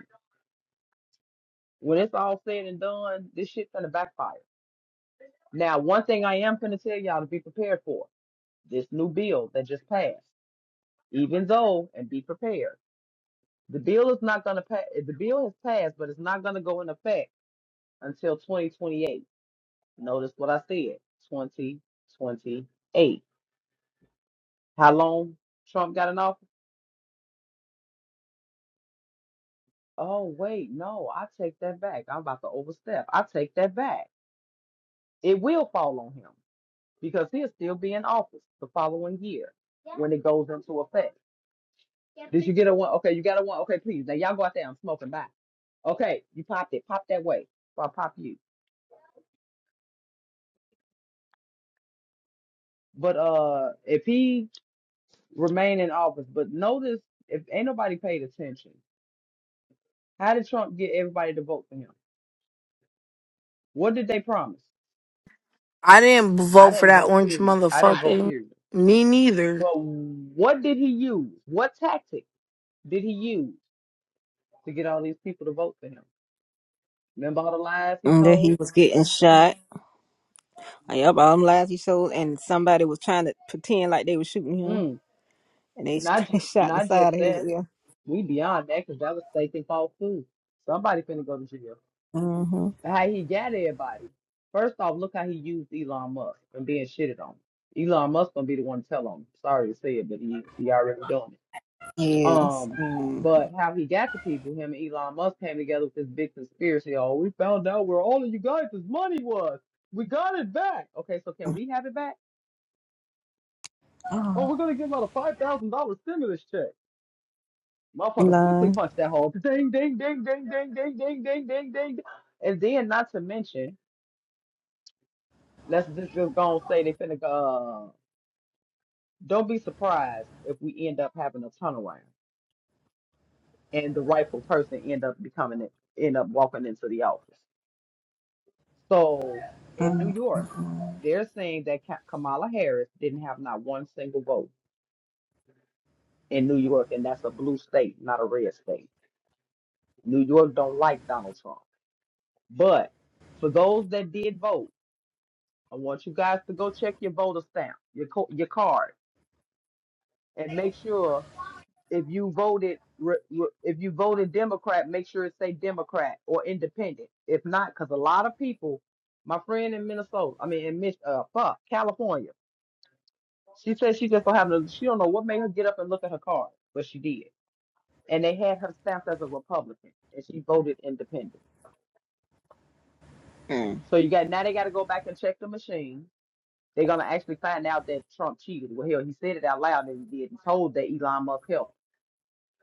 Speaker 7: when it's all said and done, this shit gonna backfire. Now, one thing I am gonna tell y'all to be prepared for this new bill that just passed. Even though, and be prepared, the bill is not gonna pass. The bill has passed, but it's not gonna go into effect until 2028. Notice what I said. 2028. How long Trump got in office? Oh, wait, no, I take that back. I'm about to overstep. I take that back. It will fall on him because he'll still be in office the following year when it goes into effect. Did you get a one? Okay, you got a one. Okay, please. Now y'all go out there. I'm smoking back. Okay, you popped it. Pop that way. Or I'll pop you. But uh, if he remain in office, but notice if ain't nobody paid attention, how did Trump get everybody to vote for him? What did they promise?
Speaker 2: I didn't
Speaker 7: I
Speaker 2: vote for
Speaker 7: didn't
Speaker 2: that
Speaker 7: vote,
Speaker 2: orange
Speaker 7: period. I didn't vote,
Speaker 2: motherfucker.
Speaker 7: period.
Speaker 2: Me neither.
Speaker 7: But what did he use? What tactic did he use to get all these people to vote for him? Remember all the lies
Speaker 3: no.
Speaker 7: he
Speaker 3: And that he
Speaker 7: told?
Speaker 3: was getting shot. Yep, all them lies he sold, and somebody was trying to pretend like they were shooting him,
Speaker 7: Mm,
Speaker 3: and they,
Speaker 7: not
Speaker 3: they
Speaker 7: just
Speaker 3: shot the
Speaker 7: not just
Speaker 3: side of his
Speaker 7: that.
Speaker 3: ear.
Speaker 7: We beyond that because that was taking false food. Somebody finna go to jail.
Speaker 3: Mm-hmm.
Speaker 7: How he got everybody? First off, look how he used Elon Musk and being shitted on. Elon Musk gonna be the one to tell on him. Sorry to say it, but he is. he already doing it.
Speaker 3: Yes.
Speaker 7: Um,
Speaker 3: Mm.
Speaker 7: but how he got the people, him and Elon Musk came together with this big conspiracy. Oh, we found out where all of you guys' money was. We got it back. Okay, so can we have it back? Oh,
Speaker 3: Oh.
Speaker 7: we're gonna give out a five thousand dollar stimulus check. Motherfuckers quickly
Speaker 3: Lies.
Speaker 7: punch that hole. Ding, ding, ding, ding, ding, ding, ding, ding, ding, ding. And then, not to mention, let's just, just go and say they finna go. Uh, don't be surprised if we end up having a turnaround and the rightful person end up becoming it, end up walking into the office. So in New
Speaker 3: Um,
Speaker 7: York,
Speaker 3: Mm.
Speaker 7: they're saying that Ka- Kamala Harris didn't have not one single vote in New York, and that's a blue state, not a red state. New York don't like Donald Trump. But for those that did vote, I want you guys to go check your voter stamp, your co- your card, and make sure if you voted re- re- if you voted Democrat, make sure it say Democrat or Independent. If not, because a lot of people, my friend in Minnesota, I mean in Mich- uh, fuck, California. She said she just don't have no. She don't know what made her get up and look at her card, but she did. And they had her stamped as a Republican, and she voted independent.
Speaker 3: Hmm.
Speaker 7: So you got now they got to go back and check the machine. They're gonna actually find out that Trump cheated. Well, hell, he said it out loud and he did. He told that Elon Musk helped.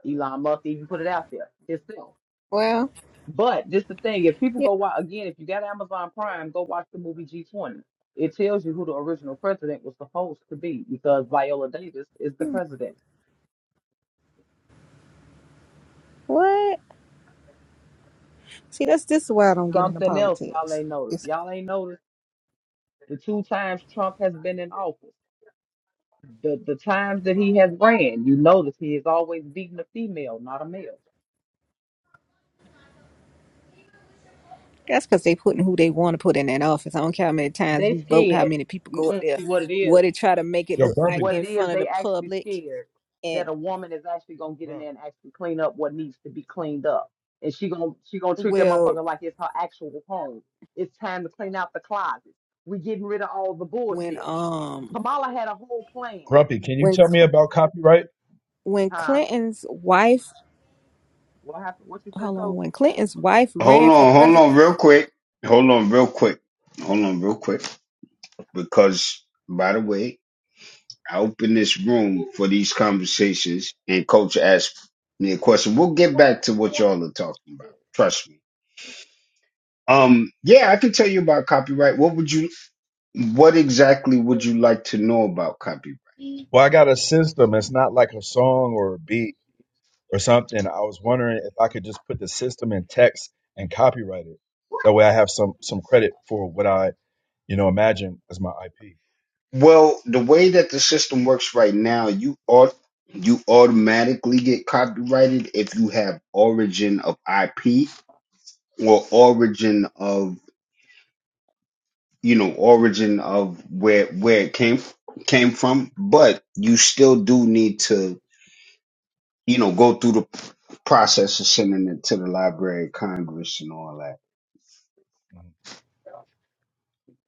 Speaker 7: Elon Musk even put it out there himself.
Speaker 3: Well,
Speaker 7: But just the thing, if people
Speaker 3: yeah.
Speaker 7: go watch again, if you got Amazon Prime, go watch the movie G20. It tells you who the original president was supposed to be because Viola Davis is the president.
Speaker 3: What? See, that's this is why I don't get into
Speaker 7: Something else y'all
Speaker 3: politics.
Speaker 7: ain't noticed.
Speaker 3: It's,
Speaker 7: Y'all ain't noticed the two times Trump has been in office. The the times that he has ran, you notice he is always beating a female, not a male.
Speaker 3: that's because they putting who they want to put in that office. I don't care how many times
Speaker 7: They
Speaker 3: you vote, how
Speaker 7: scared.
Speaker 3: many people go up
Speaker 7: Mm-mm,
Speaker 3: there,
Speaker 7: see what it is.
Speaker 3: what they try to make it
Speaker 8: Yo,
Speaker 3: look like
Speaker 8: Grumpy,
Speaker 7: What it
Speaker 3: in
Speaker 7: is,
Speaker 3: front of the
Speaker 7: they actually
Speaker 3: public.
Speaker 7: scared
Speaker 3: And
Speaker 7: that a woman is actually gonna get in
Speaker 8: Grump,
Speaker 7: there and actually clean up what needs to be cleaned up, and she gonna she gonna treat that
Speaker 3: well,
Speaker 7: motherfucker like it's her actual home. It's time to clean out the closet. We getting rid of all the
Speaker 3: when
Speaker 7: bullshit.
Speaker 3: um
Speaker 7: Kamala had a whole plan,
Speaker 8: Grumpy, can you
Speaker 3: when
Speaker 8: tell me
Speaker 3: Cl-
Speaker 8: about copyright?
Speaker 3: when
Speaker 7: huh?
Speaker 3: Clinton's wife,
Speaker 7: What happened? What you said,
Speaker 3: hold
Speaker 7: Coach?
Speaker 3: on, when Clinton's wife
Speaker 1: Hold
Speaker 3: ran for
Speaker 1: on, hold on,
Speaker 3: president.
Speaker 1: real quick. Hold on, real quick. Hold on, real quick. Because, by the way, I opened this room for these conversations, and Coach asked me a question. We'll get back to what y'all are talking about. Trust me. Um, yeah, I can tell you about copyright. What would you? What exactly would you like to know about copyright?
Speaker 8: Well, I got a system. It's not like a song or a beat or something. I was wondering if I could just put the system in text and copyright it. That way, I have some some credit for what I you know imagine as my IP.
Speaker 1: Well, the way that the system works right now, you ought you automatically get copyrighted if you have origin of IP or origin of you know origin of where where it came f- came from but you still do need to you know go through the p- process of sending it to the library of congress and all that
Speaker 8: Mhm.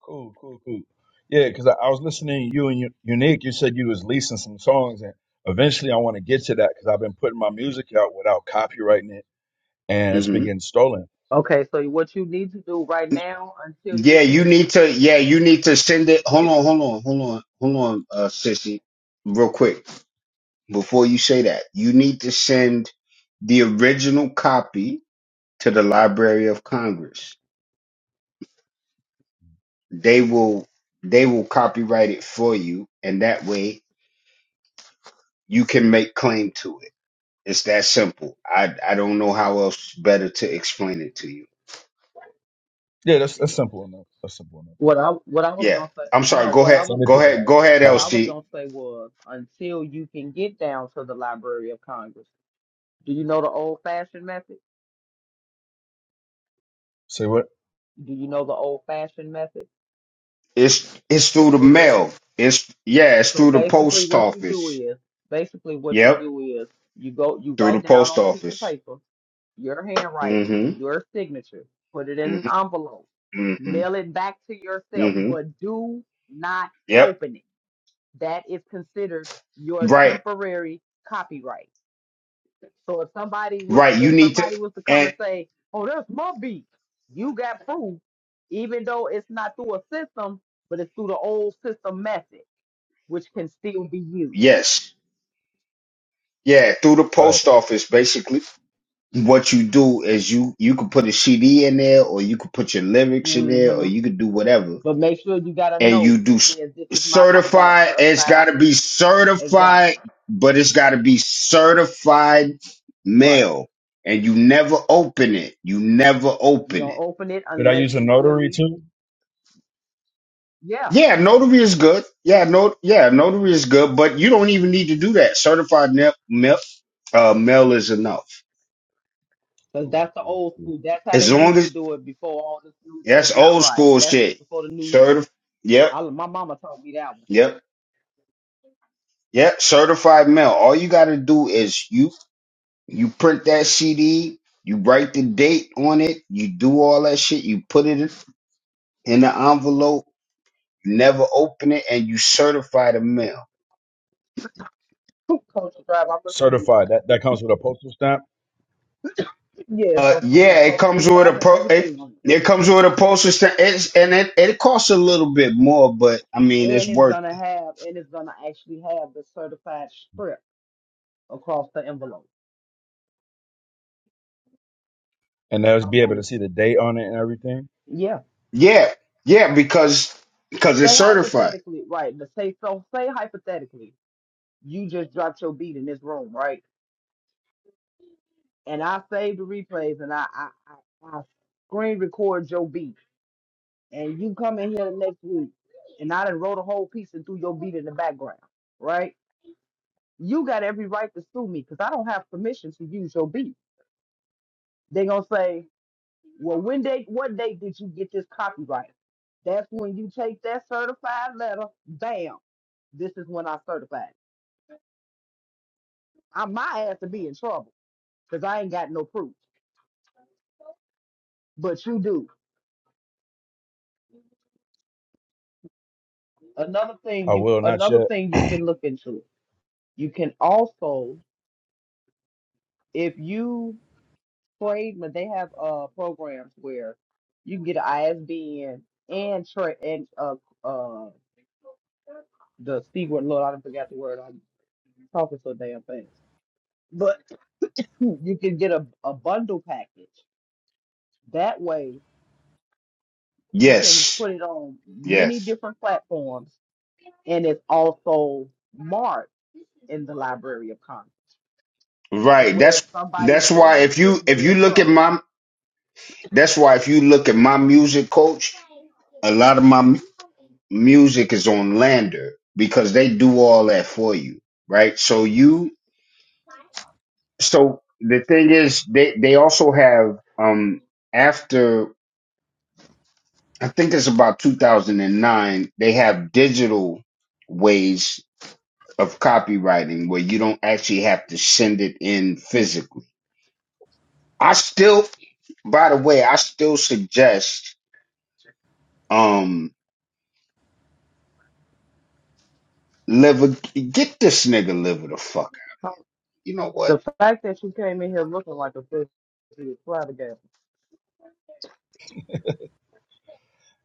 Speaker 8: Cool, cool, cool. Yeah, because I, I was listening to you and you, Unique. You said you was leasing some songs, and eventually, I want to get to that because I've been putting my music out without copyrighting it, and it's been
Speaker 1: hmm
Speaker 8: getting stolen.
Speaker 7: Okay, so what you need to do right
Speaker 8: So,
Speaker 7: now until
Speaker 1: yeah
Speaker 7: you
Speaker 1: you
Speaker 7: can
Speaker 1: need to yeah you need to send it hold on hold on hold on hold on uh sissy real quick before you say that you need to send the original copy to the library of congress they will they will copyright it for you and that way you can make claim to it it's that simple i i don't know how else better to explain it to you
Speaker 8: Yeah, that's that's simple enough. That's simple enough.
Speaker 7: what I what I was
Speaker 1: yeah
Speaker 7: gonna say
Speaker 1: i'm sorry
Speaker 7: no,
Speaker 1: go
Speaker 7: what I
Speaker 1: ahead
Speaker 7: was
Speaker 8: Send it
Speaker 1: go
Speaker 8: to the
Speaker 1: ahead go
Speaker 8: Library of
Speaker 1: ahead
Speaker 7: what I
Speaker 8: Congress.
Speaker 7: was
Speaker 1: lc
Speaker 7: gonna say was until you can get down to the Library of Congress. Do you know the old fashioned method?
Speaker 8: Say what?
Speaker 7: Do you know the old fashioned method?
Speaker 1: it's it's through the
Speaker 7: Temporarily.
Speaker 1: mail it's yeah it's
Speaker 7: So
Speaker 1: through the
Speaker 7: basically
Speaker 1: post
Speaker 7: what you do
Speaker 1: office
Speaker 7: is basically what you
Speaker 1: yep
Speaker 7: do is you go you
Speaker 1: through the
Speaker 7: write down
Speaker 1: post
Speaker 7: on a piece of
Speaker 1: office
Speaker 7: paper your handwriting,
Speaker 1: mm
Speaker 7: your signature, put it in
Speaker 1: mhm
Speaker 7: an
Speaker 1: mm
Speaker 7: envelope,
Speaker 1: mhm mhm
Speaker 7: mail it back to yourself,
Speaker 1: mhm
Speaker 7: but do not
Speaker 1: yep
Speaker 7: open it. That is considered your
Speaker 1: right
Speaker 7: temporary copyright. So if somebody was
Speaker 1: right you
Speaker 7: if
Speaker 1: need
Speaker 7: somebody
Speaker 1: to
Speaker 7: was to come and
Speaker 1: and
Speaker 7: say, "Oh, that's my beat," you got proof, even though it's not through a system, but it's through the old system method, which can still be used.
Speaker 1: yes yeah through the
Speaker 8: Right.
Speaker 1: post office basically what you do is you you could put a CD in there, or you could put your lyrics in there, or
Speaker 7: hmm
Speaker 1: you could do whatever,
Speaker 7: But make sure you got a
Speaker 1: and
Speaker 7: note
Speaker 1: you do
Speaker 7: that
Speaker 1: s-
Speaker 7: says, "This is my co- right."
Speaker 1: certified. It's got
Speaker 7: certified-
Speaker 1: to be certified,
Speaker 7: Exactly.
Speaker 1: but it's got to be certified
Speaker 7: Right.
Speaker 1: mail, and you never open it. You never
Speaker 7: You
Speaker 1: open
Speaker 7: don't
Speaker 1: it.
Speaker 7: open it
Speaker 8: Could I
Speaker 7: unless
Speaker 8: use a
Speaker 7: you
Speaker 8: notary
Speaker 7: really,
Speaker 8: too?
Speaker 7: yeah.
Speaker 1: Yeah, notary is good. Yeah, no, yeah, notary is good, but you don't even need to do that. Certified mail, mail, uh, mail is enough.
Speaker 7: Because
Speaker 8: Cool,
Speaker 7: that's the
Speaker 8: cool,
Speaker 7: old
Speaker 8: cool.
Speaker 7: school. That's how they
Speaker 1: As long
Speaker 7: used to
Speaker 1: as
Speaker 7: do it before all this new
Speaker 1: that's
Speaker 7: tech. Not
Speaker 1: old
Speaker 7: right.
Speaker 1: school
Speaker 7: That's
Speaker 1: shit.
Speaker 7: before the new.
Speaker 1: Certified. Yep.
Speaker 7: I, my mama taught me that
Speaker 1: Yep Yep, certified mail. All you got to do is you you print that CD, you write the date on it, you do all that shit, you put it in the envelope, you never open it, and you certify the mail.
Speaker 7: one. Culture drive. I'm listening.
Speaker 8: Certified. That that comes with a postal stamp.
Speaker 7: Yeah, it's
Speaker 1: Uh,
Speaker 7: gonna come with a
Speaker 1: yeah, it comes
Speaker 7: postage
Speaker 1: with a
Speaker 7: stamp and
Speaker 1: pro. It,
Speaker 7: everything on
Speaker 1: it comes with a postage stamp, it's, and it, it costs a little bit more, but I mean
Speaker 7: it, and
Speaker 1: it's
Speaker 7: it's
Speaker 1: worth
Speaker 7: gonna
Speaker 1: it.
Speaker 7: have, and it's gonna actually have the certified strip across the envelope.
Speaker 8: and they'll
Speaker 7: I'm
Speaker 8: be able to
Speaker 7: old.
Speaker 8: see the date on it and everything.
Speaker 7: Yeah.
Speaker 1: Yeah, yeah, because because it's
Speaker 7: Say
Speaker 1: certified.
Speaker 7: hypothetically, right? But say so. Say hypothetically, you just dropped your beat in this room, right? and I save the replays and I I, I, I screen record your beat. And you come in here the next week and I done wrote a whole piece and threw your beat in the background, right? You got every right to sue me because I don't have permission to use your beat. they gonna say, Well, when date what date did you get this copyright? That's when you take that certified letter, bam, this is when I certified. I my ass to be in trouble because I ain't got no proof. But you do. Another
Speaker 8: I
Speaker 7: thing you
Speaker 8: will not
Speaker 7: another
Speaker 8: yet.
Speaker 7: thing you can look into You can also, if you trade, but they have uh programs where you can get an ISBN and trade and uh uh the C word. Lord, I forgot the word. I'm talking so damn fast. But you can get a, a bundle package. That way, you can
Speaker 1: Yes,
Speaker 7: put it on many
Speaker 1: yes,
Speaker 7: different platforms, and it's also marked in the Library of Congress. That
Speaker 1: right.
Speaker 7: way, if
Speaker 1: That's
Speaker 7: somebody
Speaker 1: that's
Speaker 7: steal
Speaker 1: why
Speaker 7: your
Speaker 1: if
Speaker 7: shit,
Speaker 1: you if
Speaker 7: they
Speaker 1: you
Speaker 7: in
Speaker 1: look at
Speaker 7: trouble.
Speaker 1: my That's why if you look at my music coach, a lot of my mu- music is on Lander because they do all that for you, right? So you, so the thing is, they they also have um after I think it's about 2009, they have digital ways of copywriting where you don't actually have to send it in physically. I still, by the way, I still suggest. um Liver, get this nigga liver the fuck. You know what?
Speaker 7: The fact that you came in here looking like a pussy is flabbergasted.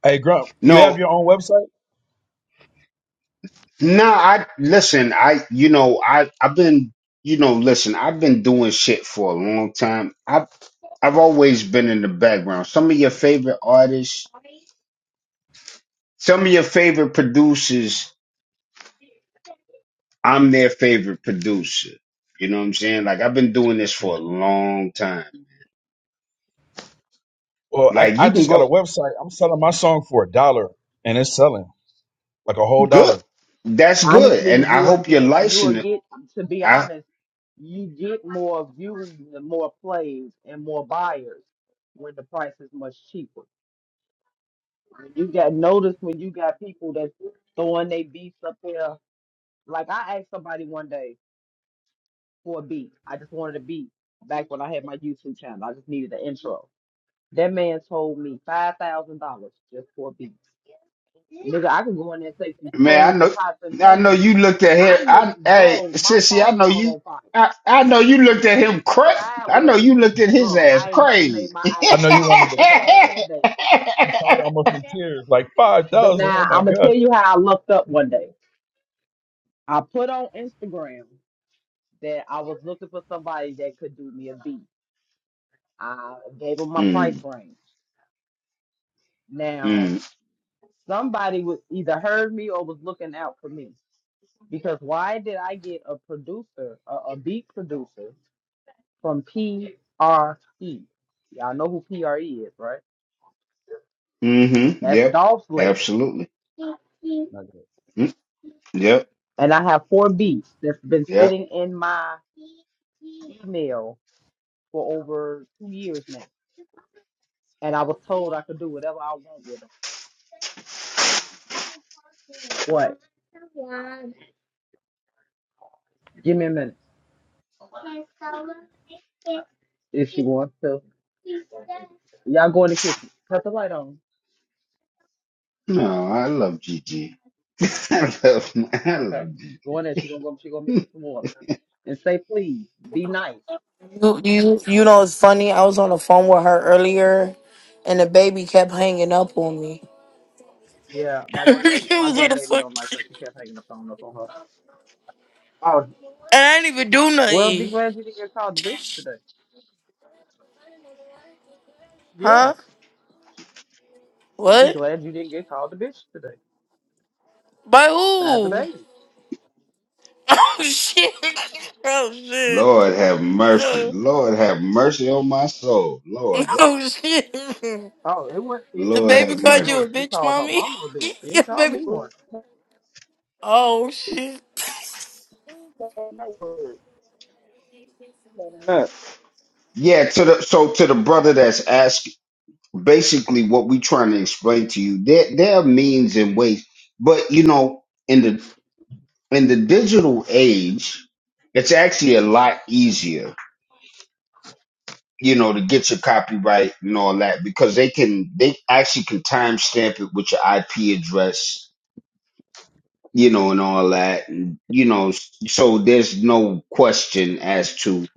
Speaker 8: Hey, Grump, you have
Speaker 1: No,
Speaker 8: your own website?
Speaker 1: no. I listen. I you know I I've been you know listen. I've been doing shit for a long time. I've I've always been in the background. Some of your favorite artists, some of your favorite producers. I'm their favorite producer. You know what I'm saying? Like I've been doing this for
Speaker 8: Yeah.
Speaker 1: a long time.
Speaker 8: Well, I,
Speaker 1: Like
Speaker 8: I
Speaker 1: you can
Speaker 8: just got a
Speaker 1: go
Speaker 8: website. I'm selling my song for a dollar, and it's selling like a whole
Speaker 1: good.
Speaker 8: dollar.
Speaker 1: That's good,
Speaker 7: Honestly,
Speaker 1: and I
Speaker 7: you will
Speaker 1: hope your
Speaker 7: get, you will
Speaker 1: license.
Speaker 7: get, to be
Speaker 1: I
Speaker 7: honest, you get more viewers and more plays and more buyers when the price is much cheaper. When you got notice when you got people that's throwing their beats up there. Like I asked somebody one day for a beat. I just wanted a beat back when I had my YouTube channel. I just needed an intro. That man told me five thousand dollars just for a beat. Nigga, I could go in there and take some
Speaker 1: Man, I
Speaker 7: spoons and
Speaker 1: know,
Speaker 7: pots and
Speaker 1: I know
Speaker 7: pans.
Speaker 1: you looked at him.
Speaker 7: I'm
Speaker 1: I, hey,
Speaker 7: bro, my
Speaker 1: sissy, I
Speaker 7: phone
Speaker 1: know
Speaker 7: caught
Speaker 1: you.
Speaker 7: on fire.
Speaker 1: I, I know you looked at him cra I know
Speaker 7: Sideways.
Speaker 1: you looked at his
Speaker 7: Bro,
Speaker 1: ass
Speaker 7: I ain't never
Speaker 1: crazy.
Speaker 7: made my eyes
Speaker 8: I know you
Speaker 7: cross,
Speaker 8: wanted
Speaker 7: but
Speaker 8: to
Speaker 7: they crossed
Speaker 8: cry.
Speaker 7: that day.
Speaker 8: You probably almost in tears, like five
Speaker 7: But
Speaker 8: thousand. Oh
Speaker 7: now
Speaker 8: my
Speaker 7: I'm gonna
Speaker 8: god!
Speaker 7: tell you how I looked up one day. I put on Instagram that I was looking for somebody that could do me a beat. I gave them my price
Speaker 1: mm,
Speaker 7: range. Now
Speaker 1: mm,
Speaker 7: somebody was either heard me or was looking out for me. Because why did I get a producer, a, a beat producer from PRE? Y'all know who PRE is, right?
Speaker 1: mm-hmm.
Speaker 7: That's
Speaker 1: Yep.
Speaker 7: Dolph's label.
Speaker 1: Absolutely.
Speaker 8: Not
Speaker 1: Mm, yep.
Speaker 7: And I have four beats that's been
Speaker 1: Yep.
Speaker 7: sitting in my email for over two years now. And I was told I could do whatever I want with them. What? Give me a minute. If she wants to. Y'all go in the kitchen. Cut the light on.
Speaker 1: No, I love Gigi. I love, I
Speaker 7: Okay.
Speaker 1: love
Speaker 7: Go in there. She gonna go she gonna make
Speaker 1: Gigi.
Speaker 7: you some water. And say please, be nice.
Speaker 2: You, you, you know, it's funny. I was on the phone with her earlier, and the baby kept hanging up on me.
Speaker 7: Yeah, my grandbaby,
Speaker 2: It
Speaker 7: my
Speaker 2: was on the
Speaker 7: grandbaby
Speaker 2: fuck?
Speaker 7: don't like her. She kept hanging the phone up on her. Oh,
Speaker 2: and I didn't even do
Speaker 7: well, be
Speaker 2: nothing.
Speaker 7: glad you didn't get called the bitch today. Yeah,
Speaker 2: Huh?
Speaker 7: she, be
Speaker 2: What?
Speaker 7: glad you didn't get called the bitch today
Speaker 2: By
Speaker 7: by the
Speaker 2: who?
Speaker 7: baby.
Speaker 2: Oh shit! Oh shit!
Speaker 1: Lord have mercy.
Speaker 2: Oh,
Speaker 1: Lord have mercy on my soul. Lord,
Speaker 2: oh, shit!
Speaker 7: Oh, it was it.
Speaker 2: The
Speaker 1: Lord
Speaker 2: baby
Speaker 1: have
Speaker 2: called
Speaker 1: mercy.
Speaker 2: you
Speaker 7: No,
Speaker 2: a
Speaker 7: she
Speaker 2: bitch,
Speaker 7: called her
Speaker 2: mommy.
Speaker 7: mama a bitch. She
Speaker 2: Yeah,
Speaker 7: didn't call
Speaker 2: baby.
Speaker 7: me one.
Speaker 2: Oh shit!
Speaker 8: good. Not word. Yeah, I
Speaker 1: Yeah, to the so to the brother that's asking. basically what we're trying to explain to you there there are means and ways but you know in the in the digital age it's actually a lot easier you know to get your copyright and all that because they can they actually can timestamp it with your ip address you know and all that and you know so there's no question as to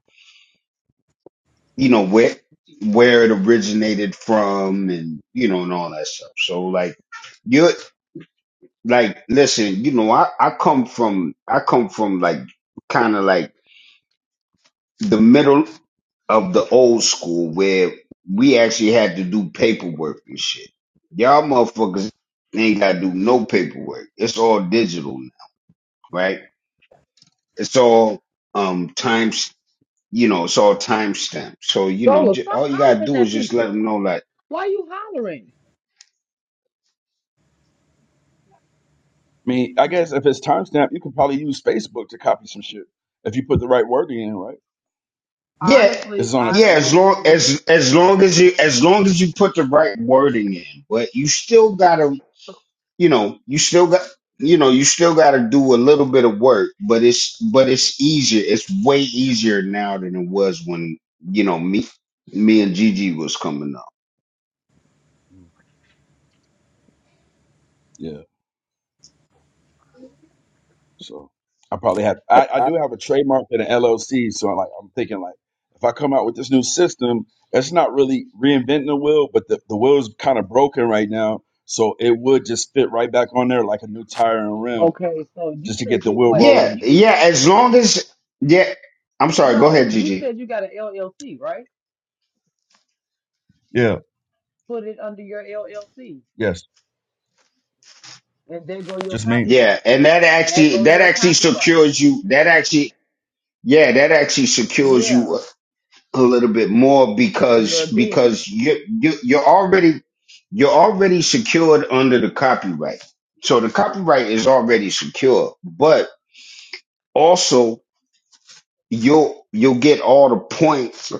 Speaker 1: you know where where it originated from and you know and all that stuff so like you're like listen you know i i come from i come from like kind of like the middle of the old school where we actually had to do paperwork and shit y'all motherfuckers ain't gotta do no paperwork it's all digital now right it's all um times you know it's all timestamped so you know
Speaker 7: Zola,
Speaker 1: j-
Speaker 7: stop
Speaker 1: all you gotta
Speaker 7: hollering
Speaker 1: do is
Speaker 7: at
Speaker 1: just let
Speaker 7: people.
Speaker 1: them know like
Speaker 7: Why you hollering?
Speaker 8: mean, I guess if it's timestamp, you could probably use Facebook to copy some shit if you put the right word in, right?
Speaker 1: yeah
Speaker 7: Honestly,
Speaker 8: It's on a
Speaker 1: yeah as
Speaker 8: timeline.
Speaker 7: honestly,
Speaker 1: long
Speaker 7: when you
Speaker 1: as as long as you as long as you put the right wording in but you still gotta you know, you still got you know, you still got to do a little bit of work, but it's but it's easier. It's way easier now than it was when, you know, me me and Gigi was coming up.
Speaker 8: Yeah, so I probably have. I, I do have a trademark and an LLC, so I'm like I'm thinking like if I come out with this new system, it's not really reinventing the wheel, but the the wheel is kind of broken right now, so it would just fit right back on there like a new tire and rim,
Speaker 7: okay, so you
Speaker 8: just to
Speaker 7: said
Speaker 8: get the
Speaker 7: you
Speaker 8: wheel
Speaker 7: wait,
Speaker 8: rolling
Speaker 1: Yeah,
Speaker 8: again.
Speaker 7: you
Speaker 1: yeah, as long as yeah, I'm sorry, go
Speaker 7: no,
Speaker 1: ahead,
Speaker 7: you
Speaker 1: Gigi.
Speaker 7: said you got an LLC, right?
Speaker 8: Yeah.
Speaker 7: Put it under your LLC.
Speaker 8: Yes.
Speaker 7: and there go your
Speaker 8: Just me.
Speaker 1: Yeah,
Speaker 7: copyright.
Speaker 1: and that
Speaker 7: There
Speaker 1: actually
Speaker 7: go
Speaker 1: that
Speaker 7: your
Speaker 1: actually
Speaker 7: copyright.
Speaker 1: secures you. That actually yeah, that actually secures
Speaker 7: Yeah,
Speaker 1: you a little bit more
Speaker 7: it's your
Speaker 1: because
Speaker 7: business.
Speaker 1: because you you you're already you're already secured under the copyright. So the copyright is already secure, but also you'll you'll get all the points,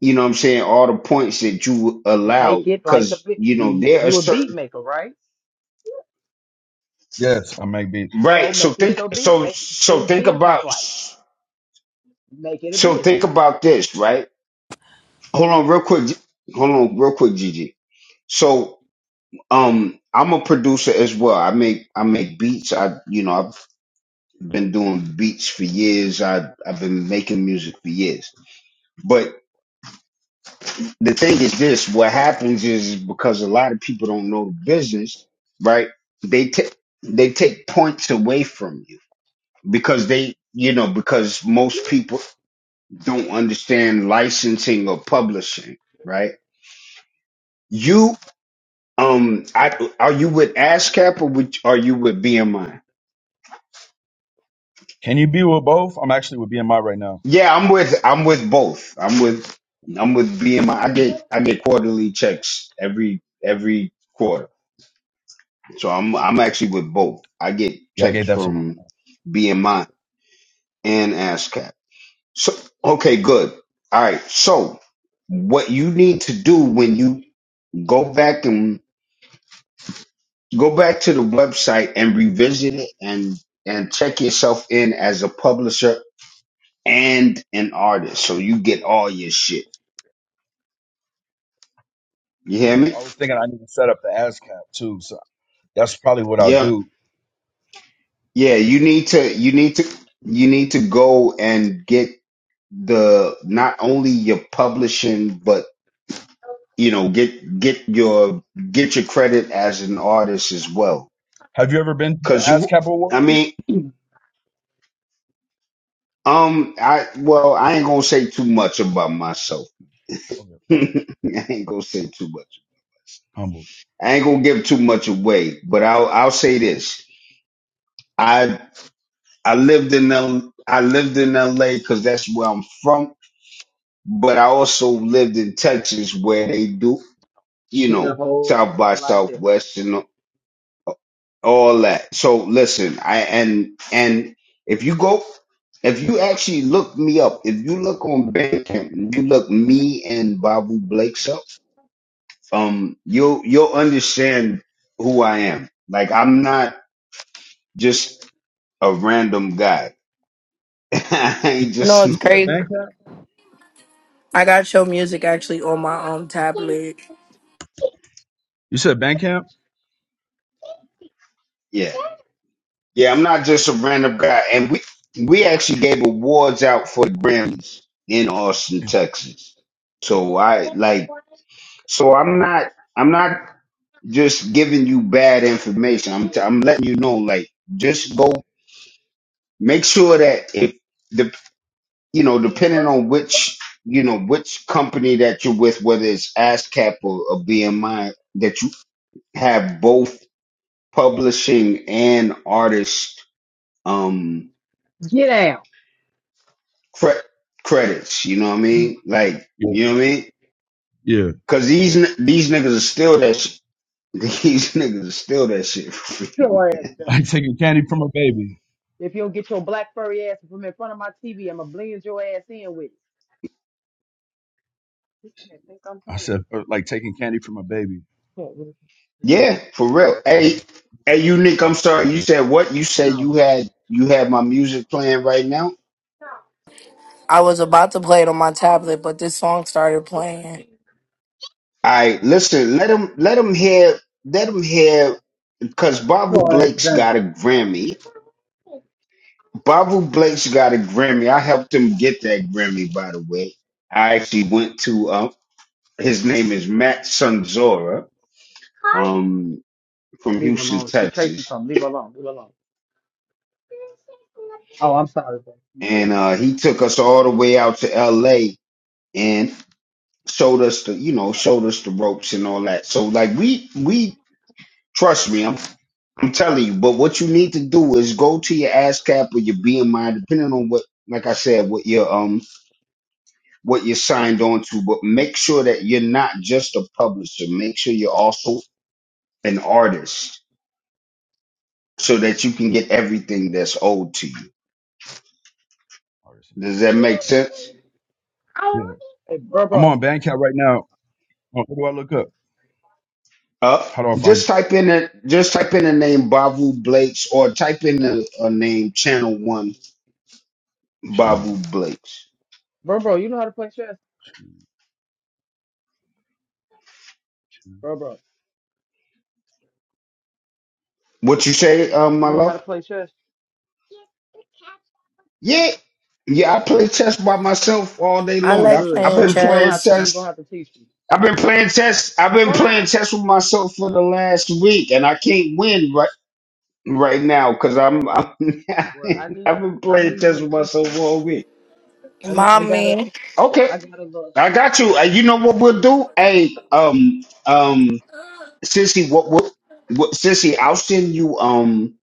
Speaker 1: you know what I'm saying, all the points that you allow
Speaker 7: Make it like a
Speaker 1: cuz you know
Speaker 7: bu-
Speaker 1: there are
Speaker 7: you a beat
Speaker 1: certain
Speaker 7: maker, right?
Speaker 8: Yes, I make beats.
Speaker 7: So
Speaker 1: right. So
Speaker 7: make it
Speaker 1: think
Speaker 7: your beat,
Speaker 1: so
Speaker 7: make
Speaker 1: so
Speaker 7: things
Speaker 1: think
Speaker 7: business
Speaker 1: about
Speaker 7: like. Make it a
Speaker 1: so
Speaker 7: business.
Speaker 1: think about this, right? Hold on real quick. Hold on real quick, Gigi. So Um, I'm a producer as well. I make I make beats. I you know I've been doing beats for years. I I've been making music for years. But the thing is this: what happens is because a lot of people don't know the business, right? They take they take points away from you because they you know because most people don't understand licensing or publishing, right? You um, I are you with ASCAP or with, are you with BMI?
Speaker 8: Can you be with both? I'm actually with BMI right now.
Speaker 1: Yeah, I'm with I'm with both. I'm with I'm with BMI. I I get I get quarterly checks every every quarter. So I'm I'm actually with both. I get
Speaker 8: Yeah, I gave
Speaker 1: checks
Speaker 8: that to my mom.
Speaker 1: from BMI and ASCAP. So okay, good. All right. So what you need to do when you go back and go back to the website and revisit it and and check yourself in as a publisher and an artist so you get all your shit. You hear
Speaker 8: Yeah,
Speaker 1: me?
Speaker 8: I was thinking I need to set up the ASCAP too, so that's probably what I'll
Speaker 1: Yeah.
Speaker 8: do.
Speaker 1: Yeah, you need to you need to you need to go and get the not only your publishing but you know get get your get your credit as an artist as well.
Speaker 8: Have you ever been to the
Speaker 1: Cause you
Speaker 8: ASCAP
Speaker 1: I
Speaker 8: award?
Speaker 1: mean um I well I ain't gonna say too much about myself.
Speaker 8: Okay,
Speaker 1: I ain't gonna say too much.
Speaker 8: humble.
Speaker 1: I ain't gonna give too much away, but I'll I'll say this. I I lived in L I lived in LA cuz that's where I'm from but I also lived in Texas where they do, you
Speaker 7: Shit
Speaker 1: know,
Speaker 7: a whole
Speaker 1: South by
Speaker 7: lot different.
Speaker 1: Southwest and all that. So listen, I and and if you go, if you actually look me up, if you look on Bandcamp, and you look me and Babu Blake's up, um, you'll you'll understand who I am. Like I'm not just a random guy. I
Speaker 8: You,
Speaker 1: ain't
Speaker 2: You know
Speaker 1: just
Speaker 2: it's
Speaker 8: you said
Speaker 2: crazy.
Speaker 8: Bandcamp.
Speaker 2: I got your music actually on my um tablet.
Speaker 8: You said Bandcamp.
Speaker 1: yeah. Yeah, I'm not just a random guy. And we we actually gave awards out for the Grammys in Austin, Texas. So I like so I'm not I'm not just giving you bad information. I'm t- I'm letting you know like just go make sure that if the you know depending on which you know which company that you're with whether it's ASCAP or, or BMI that you have both publishing and artist um
Speaker 7: Get out.
Speaker 1: cre- credits. You know what I mean? Like,
Speaker 8: Yeah,
Speaker 1: you know what I mean?
Speaker 8: yeah.
Speaker 1: Cause these n- these niggas are still that. Sh- these niggas are still that shit.
Speaker 7: your ass down.
Speaker 8: Like taking candy from a baby.
Speaker 7: If you don't get your black furry ass from in front of my TV, I'ma blend your ass in with it. This not think I'm
Speaker 8: I
Speaker 7: proud.
Speaker 8: said or like taking candy from a baby.
Speaker 7: Cat with it.
Speaker 1: yeah, for real. Hey, hey,
Speaker 8: Let's do
Speaker 1: you
Speaker 8: your
Speaker 1: Nick,
Speaker 8: shit.
Speaker 1: I'm sorry. You said what? You said
Speaker 7: No.
Speaker 1: you had you had my music playing right now.
Speaker 2: I was about to play it on my tablet, but this song started playing.
Speaker 1: All right, listen. Let him let him hear. Let him hear, cause Babu
Speaker 7: Your ass
Speaker 1: Blake's
Speaker 7: done.
Speaker 1: got a Grammy. Babu Blake's got a Grammy. I helped him get that Grammy, by the way. I actually went to um. His name is Matt Sanzora um, from
Speaker 7: Leave her
Speaker 1: Houston,
Speaker 7: alone. She chasing
Speaker 1: Texas,
Speaker 7: something. Leave her alone. Leave her alone. Oh, I'm sorry, bro. My
Speaker 1: and
Speaker 7: honest.
Speaker 1: uh, he took us all the way out to L.A. and showed us the, you know, showed us the ropes and all that. So like we we trust me, I'm I'm telling you. But what you need to do is go to your ASCAP or your BMI, depending on what, like I said, what your um what you're signed on to. But make sure that you're not just a publisher. Make sure you're also an artist, so that you can get everything that's owed to you.
Speaker 8: Oh, that's in public,
Speaker 1: Does that
Speaker 8: sure,
Speaker 1: make
Speaker 8: okay.
Speaker 1: sense?
Speaker 8: Yeah,
Speaker 7: Hey, bro,
Speaker 8: I'm
Speaker 7: bro,
Speaker 8: on Bandcamp right now. Oh, What do I look up?
Speaker 1: Uh,
Speaker 8: How do I find you?
Speaker 1: just type in the just type in the name Bavu Blakes or type in the uh, name Channel One
Speaker 8: Channel.
Speaker 1: Bavu Blakes.
Speaker 7: bro, bro. You know how to play chess,
Speaker 8: Channel.
Speaker 7: bro, bro.
Speaker 1: What you say, um,
Speaker 7: You
Speaker 1: my
Speaker 7: know how to
Speaker 1: love?
Speaker 7: play chess.
Speaker 1: Yeah, yeah. I play chess by myself all day
Speaker 2: I
Speaker 7: We're
Speaker 1: long.
Speaker 2: like
Speaker 1: I,
Speaker 7: good.
Speaker 1: I've
Speaker 2: playing
Speaker 1: been
Speaker 7: You gonna
Speaker 1: playing
Speaker 7: have
Speaker 2: chess.
Speaker 7: to. You gonna
Speaker 1: chess.
Speaker 7: have to teach me.
Speaker 1: I've been playing chess. I've been playing
Speaker 7: Fine.
Speaker 1: chess with myself for the last week, and I can't win right right now because I'm, I'm
Speaker 7: Well, I need
Speaker 1: I've been
Speaker 7: you. I
Speaker 1: playing
Speaker 7: need you
Speaker 1: chess
Speaker 7: to
Speaker 1: with
Speaker 7: teach
Speaker 1: myself
Speaker 7: me.
Speaker 1: all week.
Speaker 7: I need. I gotta.
Speaker 2: Mommy,
Speaker 1: Okay,
Speaker 7: I gotta look.
Speaker 1: I got you. Uh, you know what we'll do? Hey, um, um. Sissy, what, what, what, Sissy, I'll send you, um,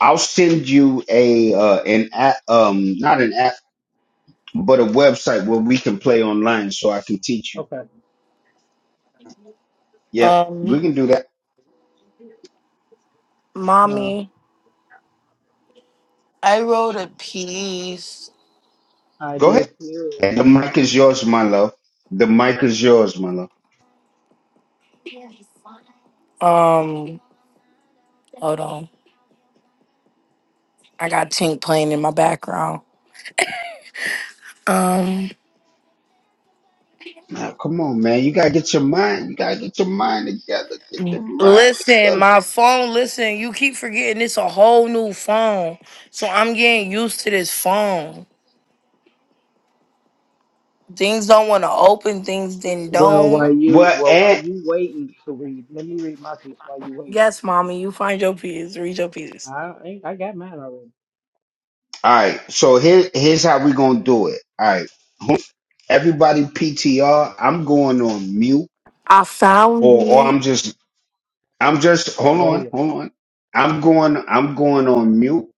Speaker 1: I'll send you a, uh, an app, um, not an app, but a website where we can play online so I can teach you.
Speaker 7: Okay.
Speaker 1: Yep.
Speaker 2: um,
Speaker 1: We can do that.
Speaker 8: Channel.
Speaker 7: Uh,
Speaker 2: mommy, I wrote a
Speaker 8: channel.
Speaker 2: piece.
Speaker 7: I
Speaker 1: Go ahead.
Speaker 7: did too.
Speaker 1: The mic is yours, my love. The mic is yours, my love.
Speaker 2: Um, hold on. I got Tink playing in my background. Um,
Speaker 1: Now, come on, man. You gotta get your mind, you gotta get your mind together. Get your mind
Speaker 2: listen,
Speaker 1: together.
Speaker 2: my phone, listen, you keep forgetting it's a whole new phone. So I'm getting used to this phone. Things don't want to open, things then
Speaker 7: Well,
Speaker 2: don't.
Speaker 7: while you,
Speaker 1: Well,
Speaker 7: well, while
Speaker 1: and,
Speaker 7: you waiting to read, let me read my piece while you waiting.
Speaker 2: Yes, mommy, you find your peas. Read your peas.
Speaker 7: I ain't. I got mine already.
Speaker 1: all right. So here, here's how we gonna do it. All right. Everybody PTR, I'm going on mute
Speaker 2: I found
Speaker 1: or or
Speaker 2: it.
Speaker 1: I'm just I'm just
Speaker 7: Okay,
Speaker 1: hold
Speaker 7: go
Speaker 1: on,
Speaker 7: ahead.
Speaker 1: hold on. I'm going I'm going on mute.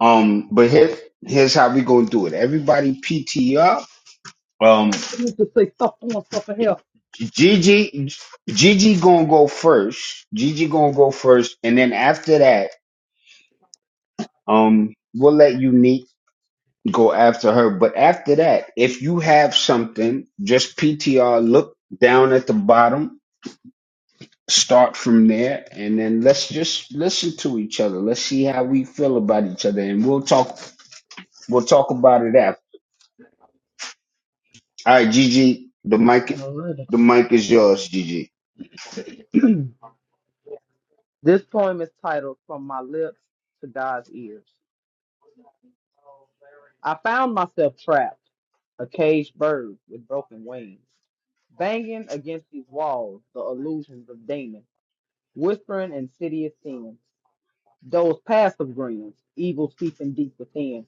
Speaker 1: Um but here, here's how we gonna do it. Everybody PT up. Um
Speaker 7: I need to say stuff on stuff in here.
Speaker 1: Gigi Gigi gonna go first. Gigi gonna go first and then after that, um we'll let Unique go after her. But after that, if you have something, just PTR look down at the bottom, start from there, and then let's just listen to each other. Let's see how we feel about each other and we'll talk We'll talk about it after. All right, Gigi, the
Speaker 7: I
Speaker 1: mic,
Speaker 7: don't
Speaker 1: the mic is yours, Gigi.
Speaker 7: know. This poem is titled From My Lips to God's Ears. I found myself trapped, a caged bird with broken wings, banging against these walls, the illusions of demons, whispering insidious sins, those passive grins, evil seeping deep within.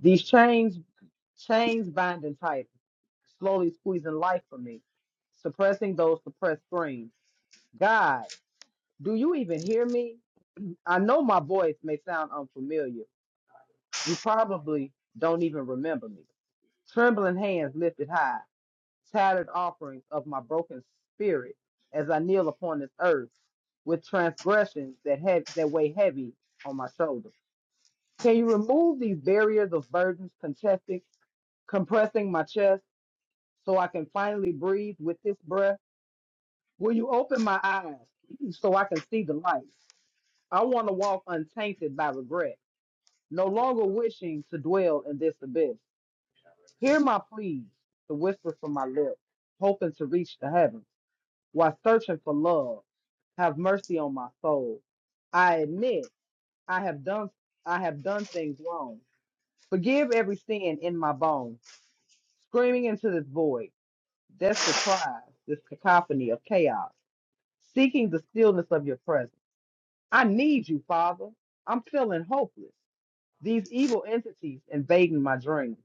Speaker 7: These chains, chains binding tight, slowly squeezing life from me, suppressing those suppressed screams. God, do you even hear me? I know my voice may sound unfamiliar You probably don't even remember me. Trembling hands lifted high, tattered offerings of my broken spirit as I kneel upon this earth with transgressions that have that weigh heavy on my shoulders. Can you remove these barriers of burdens contesting, compressing my chest so I can finally breathe with this breath? Will you open my eyes so I can see the light? I want to walk untainted by regret, no longer wishing to dwell in this abyss. Hear my pleas, the whisper from my lips, hoping to reach the heavens, while searching for love. Have mercy on my soul. I admit I have done I have done things wrong. Forgive every sin in my bones, screaming into this void, desperate cries, this cacophony of chaos, seeking the stillness of your presence. I need you, Father. I'm feeling hopeless. These evil entities invading my dreams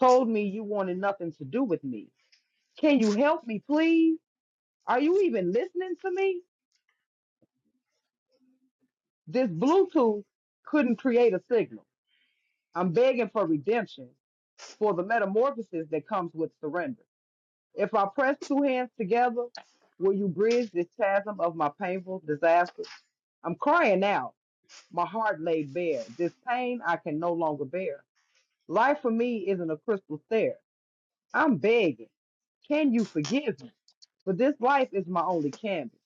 Speaker 7: told me you wanted nothing to do with me Can you help me, please? Are you even listening to me? This Bluetooth couldn't create a signal. I'm begging for redemption for the metamorphosis that comes with surrender. If I press two hands together, will you bridge this chasm of my painful disaster? I'm crying out, my heart laid bare. This pain I can no longer bear. Life for me isn't a crystal stair. I'm begging. Can you forgive me? For this life is my only canvas,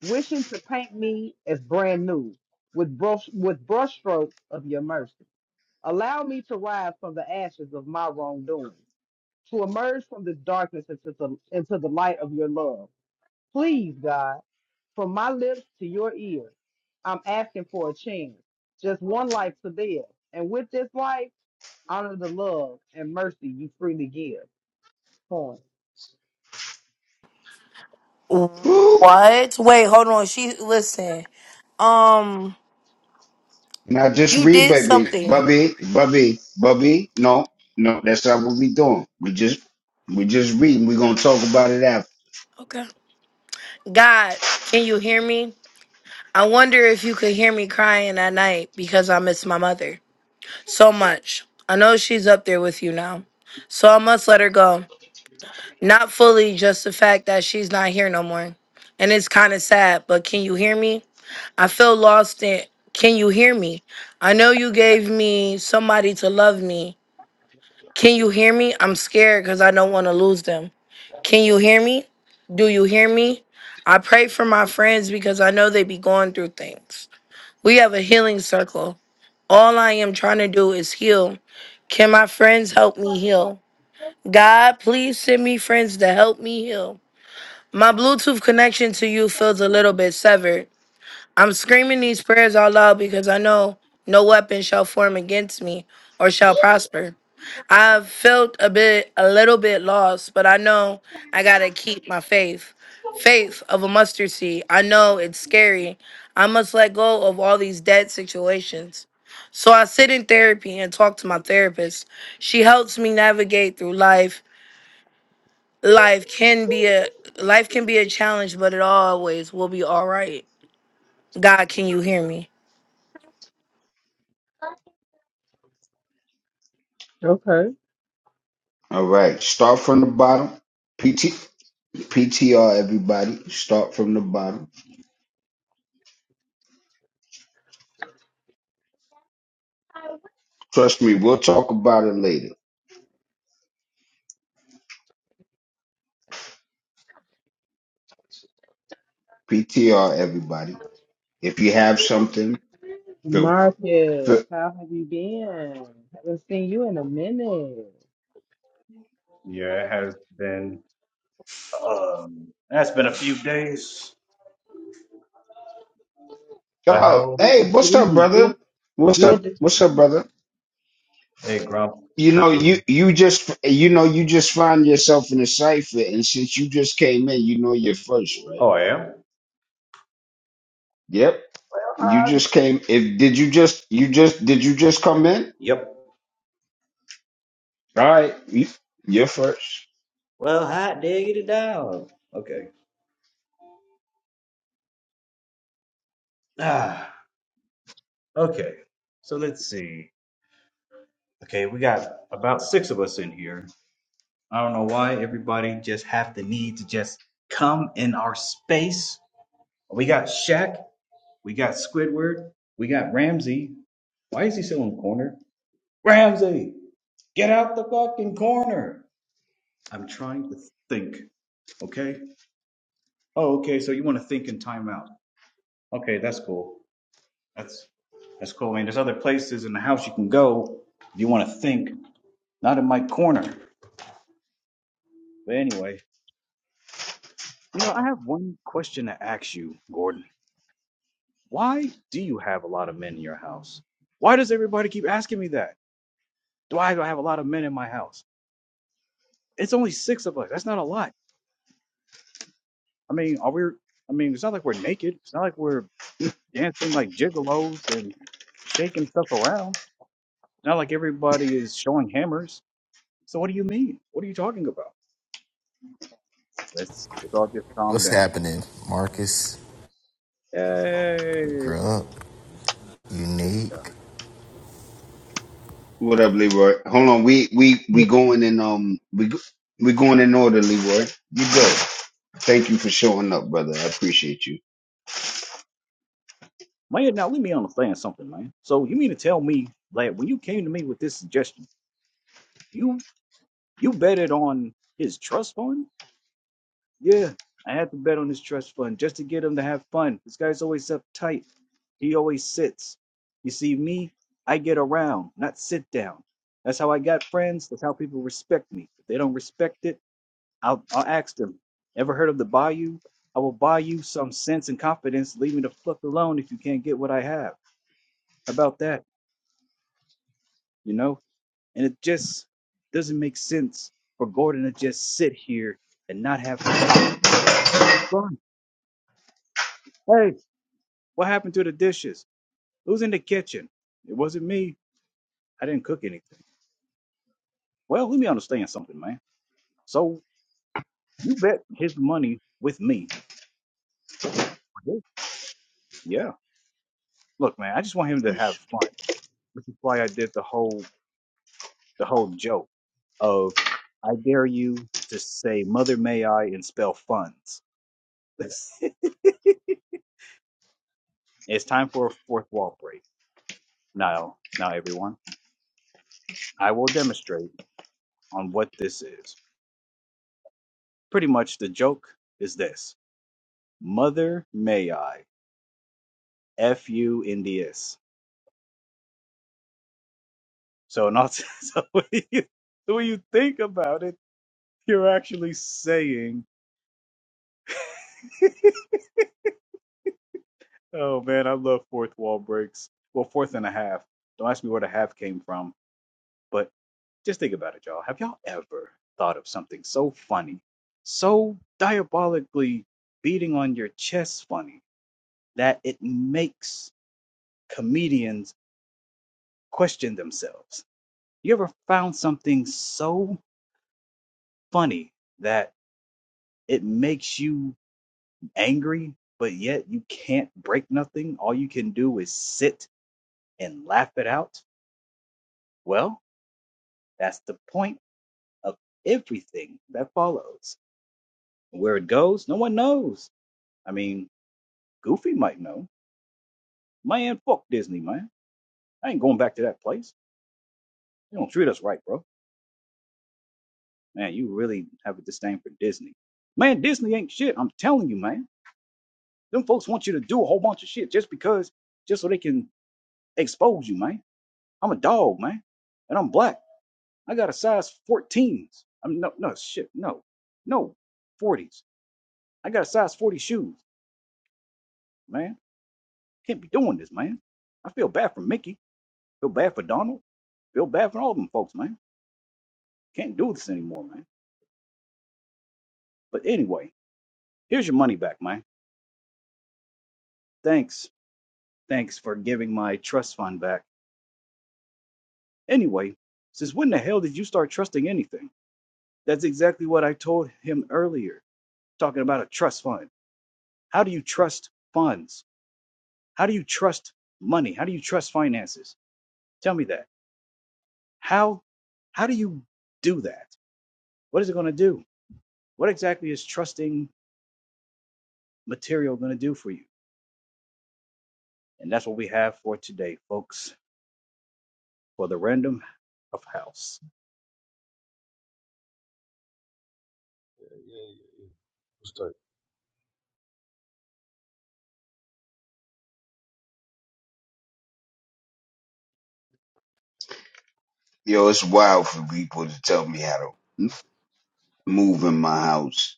Speaker 7: wishing to paint me as brand new with brush with brushstrokes of your mercy. Allow me to rise from the ashes of my wrongdoing, to emerge from this darkness into the, into the light of your love. Please, God, from my lips to your ear, I'm asking for a chance, just one life to live. And with this life, honor the love and mercy you freely give. Poem.
Speaker 1: Woo!
Speaker 2: What? Wait, hold on. She listen. Um,
Speaker 1: Now just
Speaker 2: you
Speaker 1: read,
Speaker 2: did
Speaker 1: baby,
Speaker 2: something.
Speaker 1: Bubby, Bubby, Bubby. No, no, that's not what we doing. We just, we just reading. We're gonna talk about it after.
Speaker 2: Okay. God, can you hear me? I wonder if you could hear me crying at night because I miss my mother so much. I know she's up there with you now, so I must let her go. Not fully, just the fact that she's not here no more. And it's kind of sad, but can you hear me? I feel lost in can you hear me? I know you gave me somebody to love me. Can you hear me? I'm scared because I don't want to lose them. Can you hear me? Do you hear me? I pray for my friends because I know they be going through things. We have a healing circle. All I am trying to do is heal. Can my friends help me heal? God, please send me friends to help me heal. My Bluetooth connection to you feels a little bit severed. I'm screaming these prayers out loud because I know no weapon shall form against me or shall prosper. I've felt a bit, a little bit lost, but I know I gotta keep my faith. Faith of a mustard seed. I know it's scary. I must let go of all these dead situations. So I sit in therapy and talk to my therapist. She helps me navigate through life. Life can be a life can be a challenge, but it always will be all right. God, can you hear me?
Speaker 7: Okay.
Speaker 1: All right, start from the bottom. PT, PTR, everybody. Start from the bottom. Trust me, we'll talk about it later. PTR, everybody. If you have something, feel,
Speaker 7: Marcus,
Speaker 1: feel.
Speaker 7: how have you been? Haven't seen you in a minute.
Speaker 9: Yeah, it has been. Um, that's been a few days. But
Speaker 1: Oh,
Speaker 9: how?
Speaker 7: Good to
Speaker 1: hey,
Speaker 7: see
Speaker 1: what's up,
Speaker 7: you.
Speaker 1: brother?
Speaker 7: Good,
Speaker 1: What's
Speaker 7: Good
Speaker 1: up?
Speaker 7: to to
Speaker 1: What's up,
Speaker 7: see
Speaker 1: brother?
Speaker 9: Hey, Grump.
Speaker 1: You know,
Speaker 9: You
Speaker 1: you
Speaker 9: need?
Speaker 1: you just you know you just find yourself in a cipher, and since you just came in, you know you're first, right?
Speaker 9: Oh, I am.
Speaker 1: Yep. You just came. If did you just you just did you just come in?
Speaker 9: Yep.
Speaker 1: All right, you, you're first.
Speaker 9: Well, hot diggity dog. Okay. Ah. Okay. So let's see. Okay, we got about six of us in here. I don't know why everybody just have the need to just come in our space. We got Shaq. We got Squidward. We got Ramsey. Why is he still in the corner? Ramsey. Get out the fucking corner. I'm trying to think. Okay. Oh, okay. So you want to think in timeout? Okay, that's cool. That's that's cool. I mean, there's other places in the house you can go if you want to think. Not in my corner. But anyway, you know, I have one question to ask you, Gordon. Why do you have a lot of men in your house? Why does everybody keep asking me that? Why do I have a lot of men in my house? It's only six of us. That's not a lot. I mean, are we? I mean, it's not like we're naked. It's not like we're dancing like gigolos and shaking stuff around. Not like everybody is showing hammers. So what do you mean? What are you talking about? Let's let's all just calm
Speaker 10: What's
Speaker 9: down.
Speaker 10: happening, Marcus?
Speaker 9: Hey,
Speaker 10: Grub,
Speaker 9: this guy.
Speaker 10: unique.
Speaker 1: What up, Leroy? Hold on, we we we
Speaker 7: you.
Speaker 1: going in um we go- we going in order, Leroy. You go. Thank you for showing up, brother. I appreciate you.
Speaker 9: man, now let me understand something, man. So you mean to tell me that when you came to me with this suggestion, you you betted on his trust fund? Yeah, I had to bet on his trust fund just to get him to have fun. This guy's always uptight. He always sits. You see me, I get around, not sit down. That's how I got friends. That's how people respect me. If they don't respect it, I'll, I'll ask them. Ever heard of the Bayou? I will buy you some sense and confidence. Leave me the fuck alone if you can't get what I have. How about that? You know? And it just doesn't make sense for Gordon to just sit here and not have fun. You gotta have fun. Hey, what happened to the dishes? Who's in the kitchen? It wasn't me. I didn't cook anything. Well, let me understand something, man. So you bet his money with me. Okay. Yeah. Look, man, I just want him to have fun, which is why I did the whole the whole joke of I dare you to say mother may I and spell funds. it's time for a fourth wall break. Now, now everyone, I will demonstrate on what this is. Pretty much the joke is this. Mother may I F U N D S. So not so when you, so when you think about it, you're actually saying, "Oh man, I love fourth wall breaks." Well, fourth and a half. Don't ask me where the half came from, but just think about it, y'all. Have y'all ever thought of something so funny, so diabolically beating on your chest funny that it makes comedians question themselves? You ever found something so funny that it makes you angry, but yet you can't break nothing. All you can do is sit and laugh it out. Well, that's the point of everything that follows. Where it goes, no one knows. I mean, Goofy might know. Man, fuck Disney, man. I ain't going back to that place. You don't treat us right, bro. Man, you really have a disdain for Disney. Man, Disney ain't shit. I'm telling you, man. Them folks want you to do a whole bunch of shit just because, just so they can expose you, man. I'm a dog, man, and I'm black. I got a size 14s. I mean, no, no, shit, no, no, 40s. I got a size 40 shoes, man. Can't be doing this, man. I feel bad for Mickey. Feel bad for Donald. Feel bad for all them folks, man. Can't do this anymore, man. But anyway, here's your money back, man. Thanks. Thanks for giving my trust fund back. Anyway, since when the hell did you start trusting anything? That's exactly what I told him earlier, talking about a trust fund. How do you trust funds? How do you trust money? How do you trust finances? Tell me that. How how do you do that? What is it going to do? What exactly is trusting material going to do for you? And that's what we have for today, folks, for the random of house.
Speaker 8: Yeah, yeah, yeah. What's that?
Speaker 1: Yo, it's wild for people to tell me how to move in my house.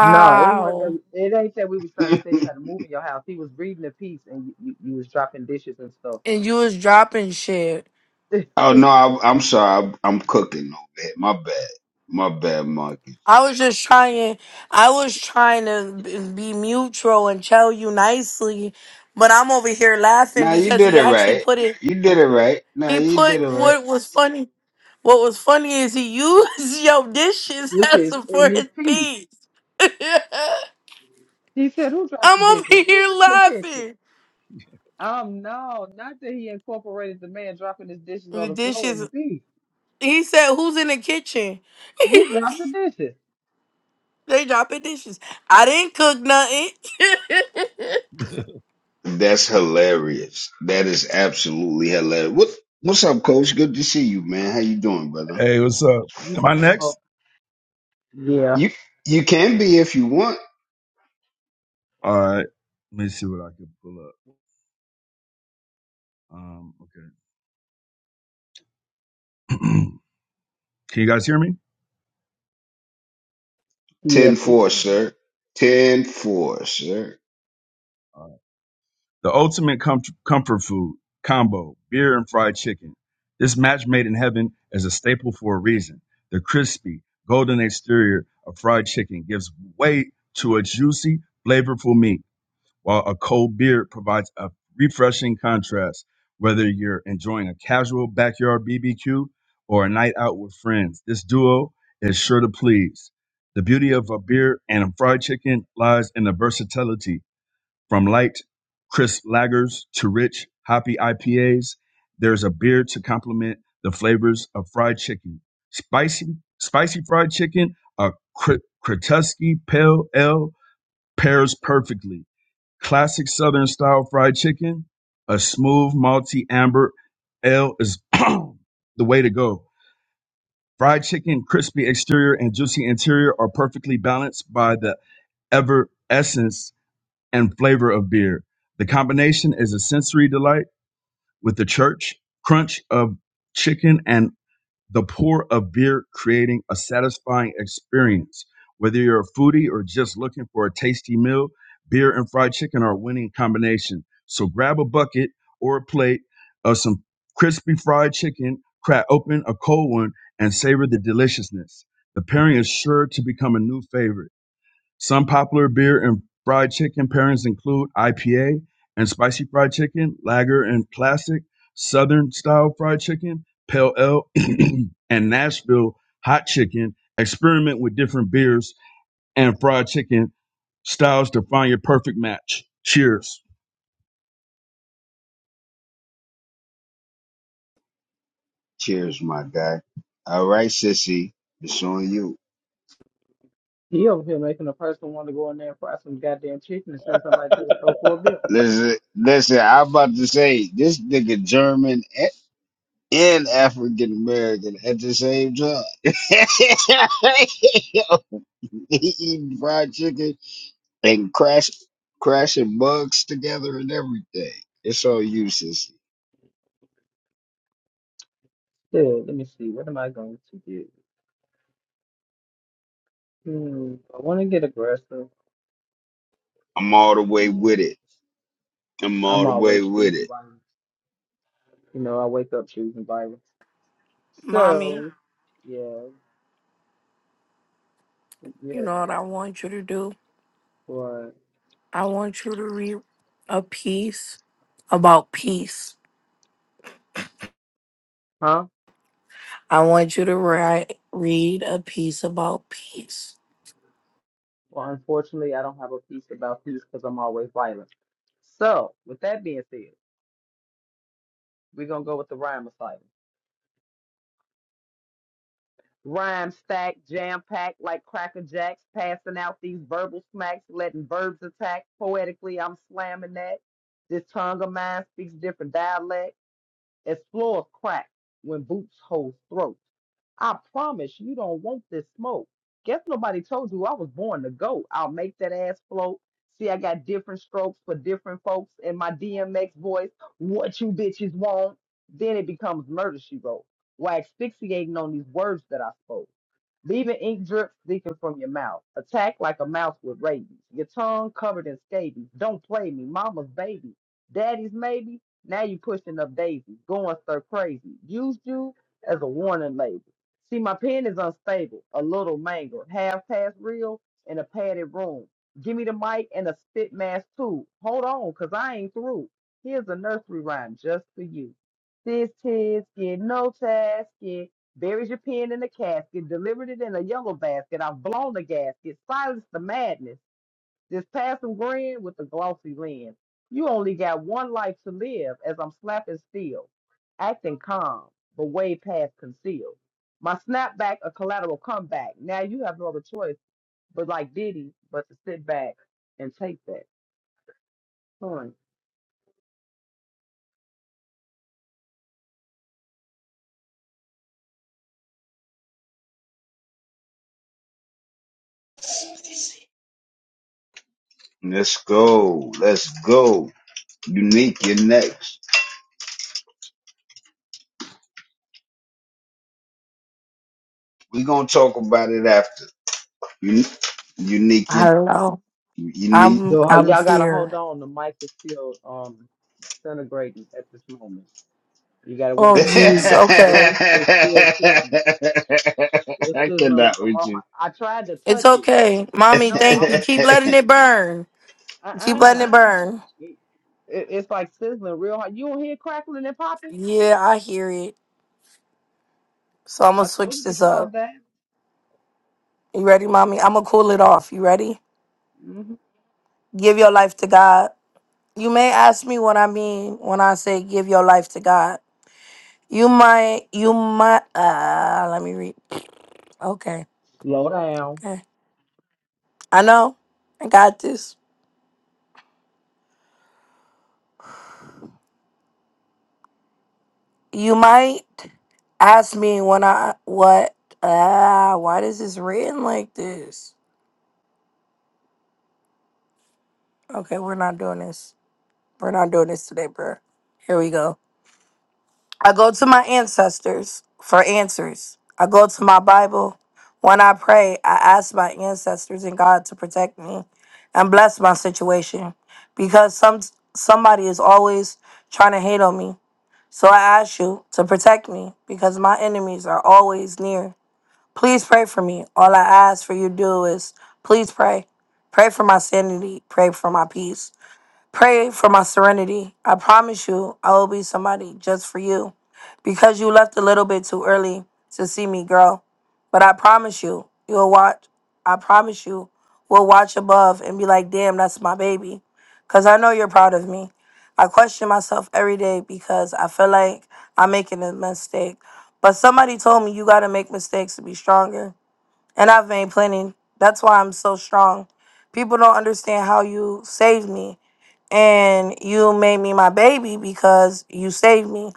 Speaker 7: No, it wasn't. It ain't that we was trying to tell you how to move in your house. He was reading a piece, and you, you, you was dropping dishes and stuff.
Speaker 2: And you was dropping shit.
Speaker 1: Oh no, I, I'm sorry. I, I'm cooking over here. My bad. My bad, Marcus.
Speaker 2: I was just trying I was trying to b- be mutual and tell you nicely, but I'm over here laughing
Speaker 1: Nah, you
Speaker 2: because
Speaker 1: did
Speaker 2: he
Speaker 1: it
Speaker 2: actually
Speaker 1: right.
Speaker 2: put it
Speaker 1: You did it right. Nah,
Speaker 2: he
Speaker 1: you
Speaker 2: put
Speaker 1: did it right.
Speaker 2: what was funny what was funny is he used your dishes
Speaker 7: This
Speaker 2: as
Speaker 7: is
Speaker 2: a
Speaker 7: in
Speaker 2: for
Speaker 7: his
Speaker 2: his
Speaker 7: piece.
Speaker 2: piece.
Speaker 7: He said, "Who dropped the
Speaker 2: I'm
Speaker 7: dishes?"
Speaker 2: over
Speaker 7: Who's
Speaker 2: here
Speaker 7: in the kitchen?
Speaker 2: laughing.
Speaker 7: Um, no, not that he incorporated the man dropping his dishes on
Speaker 2: The
Speaker 7: the floor in
Speaker 2: dishes
Speaker 7: the piece.
Speaker 2: he said who's in the kitchen?
Speaker 7: Who dropped the dishes?
Speaker 2: they dropping dishes. I didn't cook nothing.
Speaker 1: That's hilarious. That is absolutely hilarious. What What's up, Coach? Good to see you, man. How you doing, brother?
Speaker 8: Hey, what's up?
Speaker 7: You
Speaker 8: Am I
Speaker 7: just had a
Speaker 8: next?
Speaker 7: whole. Yeah.
Speaker 1: You You can be if you want.
Speaker 8: All right. Let me see what I can pull up. Um, okay. can you guys hear me?
Speaker 1: Ten
Speaker 7: Yes, we
Speaker 1: four,
Speaker 7: can.
Speaker 1: sir. Ten four, sir.
Speaker 8: All right. The ultimate com- comfort food combo: beer and fried chicken. This match made in heaven is a staple for a reason. The crispy, golden exterior of fried chicken gives way to a juicy, flavorful meat. while a cold beer provides a refreshing contrast. Whether you're enjoying a casual backyard BBQ or a night out with friends, this duo is sure to please. The beauty of a beer and a fried chicken lies in the versatility from light, crisp lagers to rich, hoppy IPAs. There's a beer to complement the flavors of fried chicken. Spicy, spicy fried chicken, a Kr- Kratuski Pale Ale pairs perfectly classic Southern style fried chicken, a smooth malty amber ale is the way to go. Fried chicken, crispy exterior and juicy interior are perfectly balanced by the ever essence and flavor of beer. The combination is a sensory delight with the church crunch of chicken and the pour of beer creating a satisfying experience. Whether you're a foodie or just looking for a tasty meal, beer and fried chicken are a winning combination. So grab a bucket or a plate of some crispy fried chicken, crack open a cold one, and savor the deliciousness. The pairing is sure to become a new favorite. Some popular beer and fried chicken pairings include IPA and spicy fried chicken, lager and classic, southern style fried chicken, pale ale, and Nashville hot chicken. Experiment with different beers and fried chicken styles to find your perfect match. Cheers.
Speaker 1: Cheers, my guy. All right, sissy. It's on you.
Speaker 7: He over here making a person want to go in there and fry some goddamn chicken and send somebody to the store for a bill.
Speaker 1: Listen, listen. I'm about to say this nigga German and African American at the same time. he eating fried chicken and crash crashing bugs together and everything. It's all useless.
Speaker 7: Dude, let me see. What am I going to do? Hmm, I want to get aggressive.
Speaker 1: I'm all the way
Speaker 7: Yeah,
Speaker 1: with it. I'm all
Speaker 7: I'm
Speaker 1: the way
Speaker 7: always
Speaker 1: with
Speaker 7: choosing
Speaker 1: it.
Speaker 7: violence. You know, I wake up choosing violence.
Speaker 2: Mommy.
Speaker 7: So, yeah, yeah.
Speaker 2: You know what I want you to do?
Speaker 7: But,
Speaker 2: I want you to read a piece about peace.
Speaker 7: huh?
Speaker 2: I want you to write read a piece about peace.
Speaker 7: Well, unfortunately, I don't have a piece about peace because I'm always violent. So, with that being said, we're going to go with the rhyme of rhyme stacked, jam packed like Cracker Jacks, passing out these verbal smacks, letting verbs attack. Poetically, I'm slamming that. This tongue of mine speaks different dialect. As floors crack when boots hold throats. I promise you don't want this smoke. Guess nobody told you I was born to go. I'll make that ass float. See, I got different strokes for different folks in my DMX voice. What you bitches want? Then it becomes murder, she wrote. Why asphyxiating on these words that I spoke leaving ink drips leaking from your mouth. Attack like a mouse with rabies. Your tongue covered in scabies. Don't play me, mama's baby, daddy's maybe. Now you pushing up daisies, going stir crazy. Used you as a warning label. See, my pen is unstable, a little mangled, half past real in a padded room. Give me the mic and a spit mask too. Hold on, cause I ain't through. Here's a nursery rhyme just for you. This kid's get no task. Buried your pen in a casket, delivered it in a yellow basket. I've blown the gasket, silenced the madness. This passing grin with a glossy lens. You only got one life to live as I'm slapping steel, acting calm, but way past concealed. My snapback, a collateral comeback. Now you have no other choice but like Diddy, but to sit back and take that. Fun.
Speaker 1: Let's go. Let's go. Unique, you're next. we gonna talk about it after. Un- unique, you
Speaker 2: Hello.
Speaker 1: unique.
Speaker 2: I'm
Speaker 7: Y'all
Speaker 2: I'm
Speaker 7: gotta hold
Speaker 2: here.
Speaker 7: on. The mic is still um disintegrating at this moment. You gotta
Speaker 2: Oh
Speaker 7: wait till it's,
Speaker 2: jeez,
Speaker 7: seasoned. it's
Speaker 2: okay.
Speaker 7: it's still sizzling. It's
Speaker 1: I
Speaker 7: sizzling
Speaker 1: cannot
Speaker 7: like a
Speaker 1: with you.
Speaker 7: motherfucker. I tried to
Speaker 2: It's
Speaker 7: touch it.
Speaker 2: okay. Mommy,
Speaker 7: No, I
Speaker 2: thank you.
Speaker 7: was
Speaker 2: Keep letting it burn.
Speaker 7: uh
Speaker 2: Keep letting
Speaker 7: uh
Speaker 2: it burn.
Speaker 7: It, it- it's like sizzling real hard. You don't hear crackling and popping?
Speaker 2: Yeah, I hear it. So I'm gonna
Speaker 7: I told
Speaker 2: switch
Speaker 7: you to
Speaker 2: this
Speaker 7: calm
Speaker 2: up.
Speaker 7: down.
Speaker 2: You ready, mommy? I'm gonna cool it off. You ready?
Speaker 7: hmm
Speaker 2: Give your life to God. You may ask me what I mean when I say give your life to God. You might, you might, uh, let me read. Okay,
Speaker 7: Slow down.
Speaker 2: okay. I know. I got this. You might ask me when I, what, uh, why is this written like this? Okay, we're not doing this. We're not doing this today, bro. Here we go. I go to my ancestors for answers. I go to my Bible. When I pray, I ask my ancestors and God to protect me and bless my situation because some somebody is always trying to hate on me. So I ask you to protect me because my enemies are always near. Please pray for me. All I ask for you to do is please pray. Pray for my sanity. Pray for my peace. Pray for my serenity. I promise you, I will be somebody just for you because you left a little bit too early to see me grow. But I promise you, you'll watch. I promise you, we'll watch above and be like, damn, that's my baby. Because I know you're proud of me. I question myself every day because I feel like I'm making a mistake. But somebody told me you got to make mistakes to be stronger. And I've made plenty. That's why I'm so strong. People don't understand how you saved me and you made me my baby because you saved me.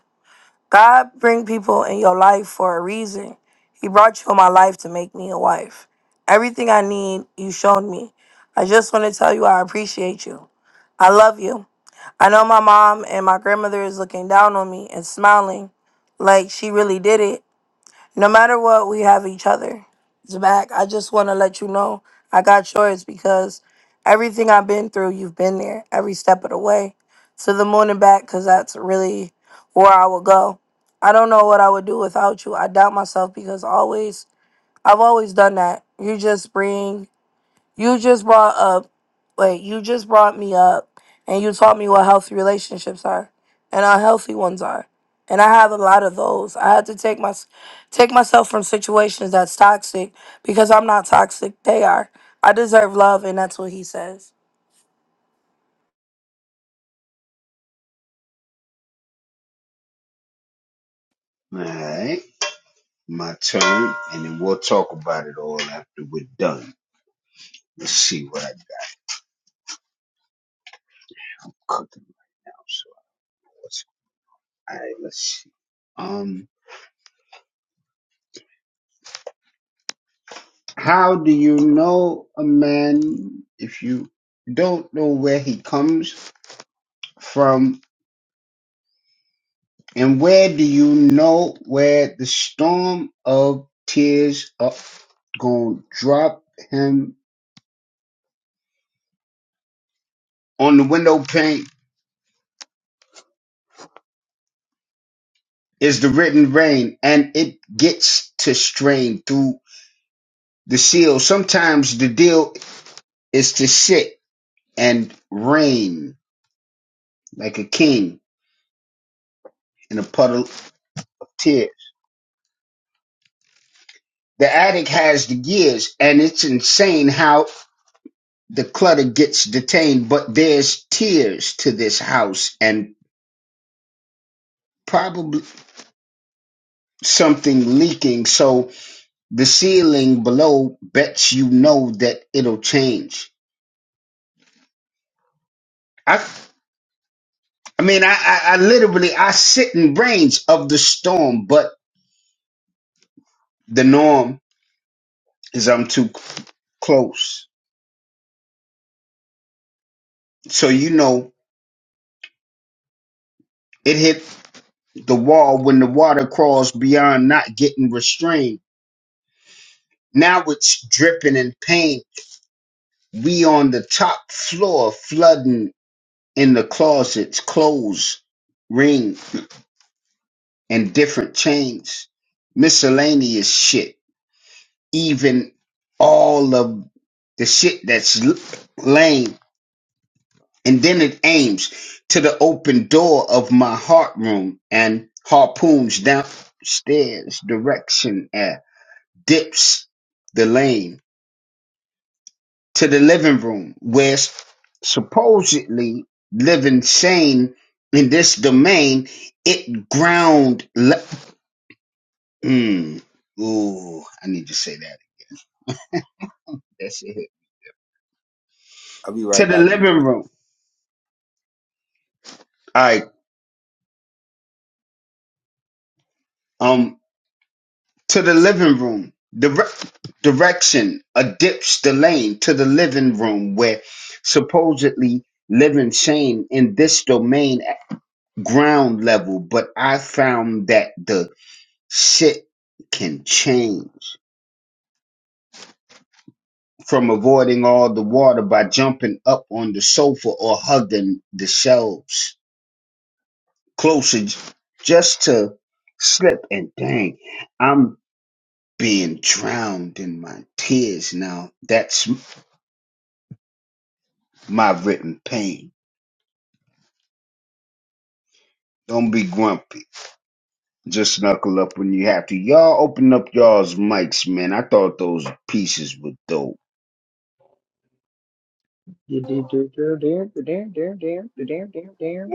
Speaker 2: God bring people in your life for a reason. He brought you in my life to make me a wife. Everything I need, you showed me. I just want to tell you I appreciate you. I love you. I know my mom and my grandmother is looking down on me and smiling like she really did it, no matter what, we have each other. Zach, I just want to let you know I got yours because everything I've been through, you've been there every step of the way to the moon and back because that's really where I would go. I don't know what I would do without you. I doubt myself because always, I've always done that. You just bring you just brought up, wait, you just brought me up and you taught me what healthy relationships are and unhealthy ones are. And I have a lot of those. I had to take my take myself from situations that's toxic because I'm not toxic. They are. I deserve love and that's what he says.
Speaker 1: Alright, my turn, and then we'll talk about it all after we're done. Let's see what I got cooking now. So let's alright, let's see. Um how do you know a man if you don't know where he comes from and where do you know where the storm of tears are gonna drop him on the window pane is the written rain and it gets to strain through. The seal. Sometimes the deal is to sit and reign like a king in a puddle of tears. The attic has the gears, and it's insane how the clutter gets detained. But there's tears to this house, and probably something leaking. So the ceiling below bets you know that it'll change. I, I mean, I, I, I literally I sit in brains of the storm, but the norm. is I'm too c- close. So you know, it hit the wall when the water crawls beyond not getting restrained. Now it's dripping in pain. We on the top floor, flooding in the closets, clothes, ring, and different chains, miscellaneous shit. Even all of the shit that's l- lame and then it aims to the open door of my heart room and harpoons downstairs direction and dips the lane to the living room where s- supposedly living sane in this domain it ground le- mm, ooh i need to say that that's it
Speaker 11: I'll be
Speaker 1: to
Speaker 11: right
Speaker 1: the
Speaker 11: back and
Speaker 1: living
Speaker 11: join.
Speaker 1: room all right um to the living room. Dire- direction, a ditch the lane to the living room where supposedly living shame in this domain at ground level, but I found that the shit can change from avoiding all the water by jumping up on the sofa or hugging the shelves closer j- just to slip and dang, I'm being drowned in my tears now. That's my written pain. Don't be grumpy. Just knuckle up when you have to. Y'all open up y'all's mics, man. I thought those pieces were dope.
Speaker 7: You do do do do do do do do do do do do.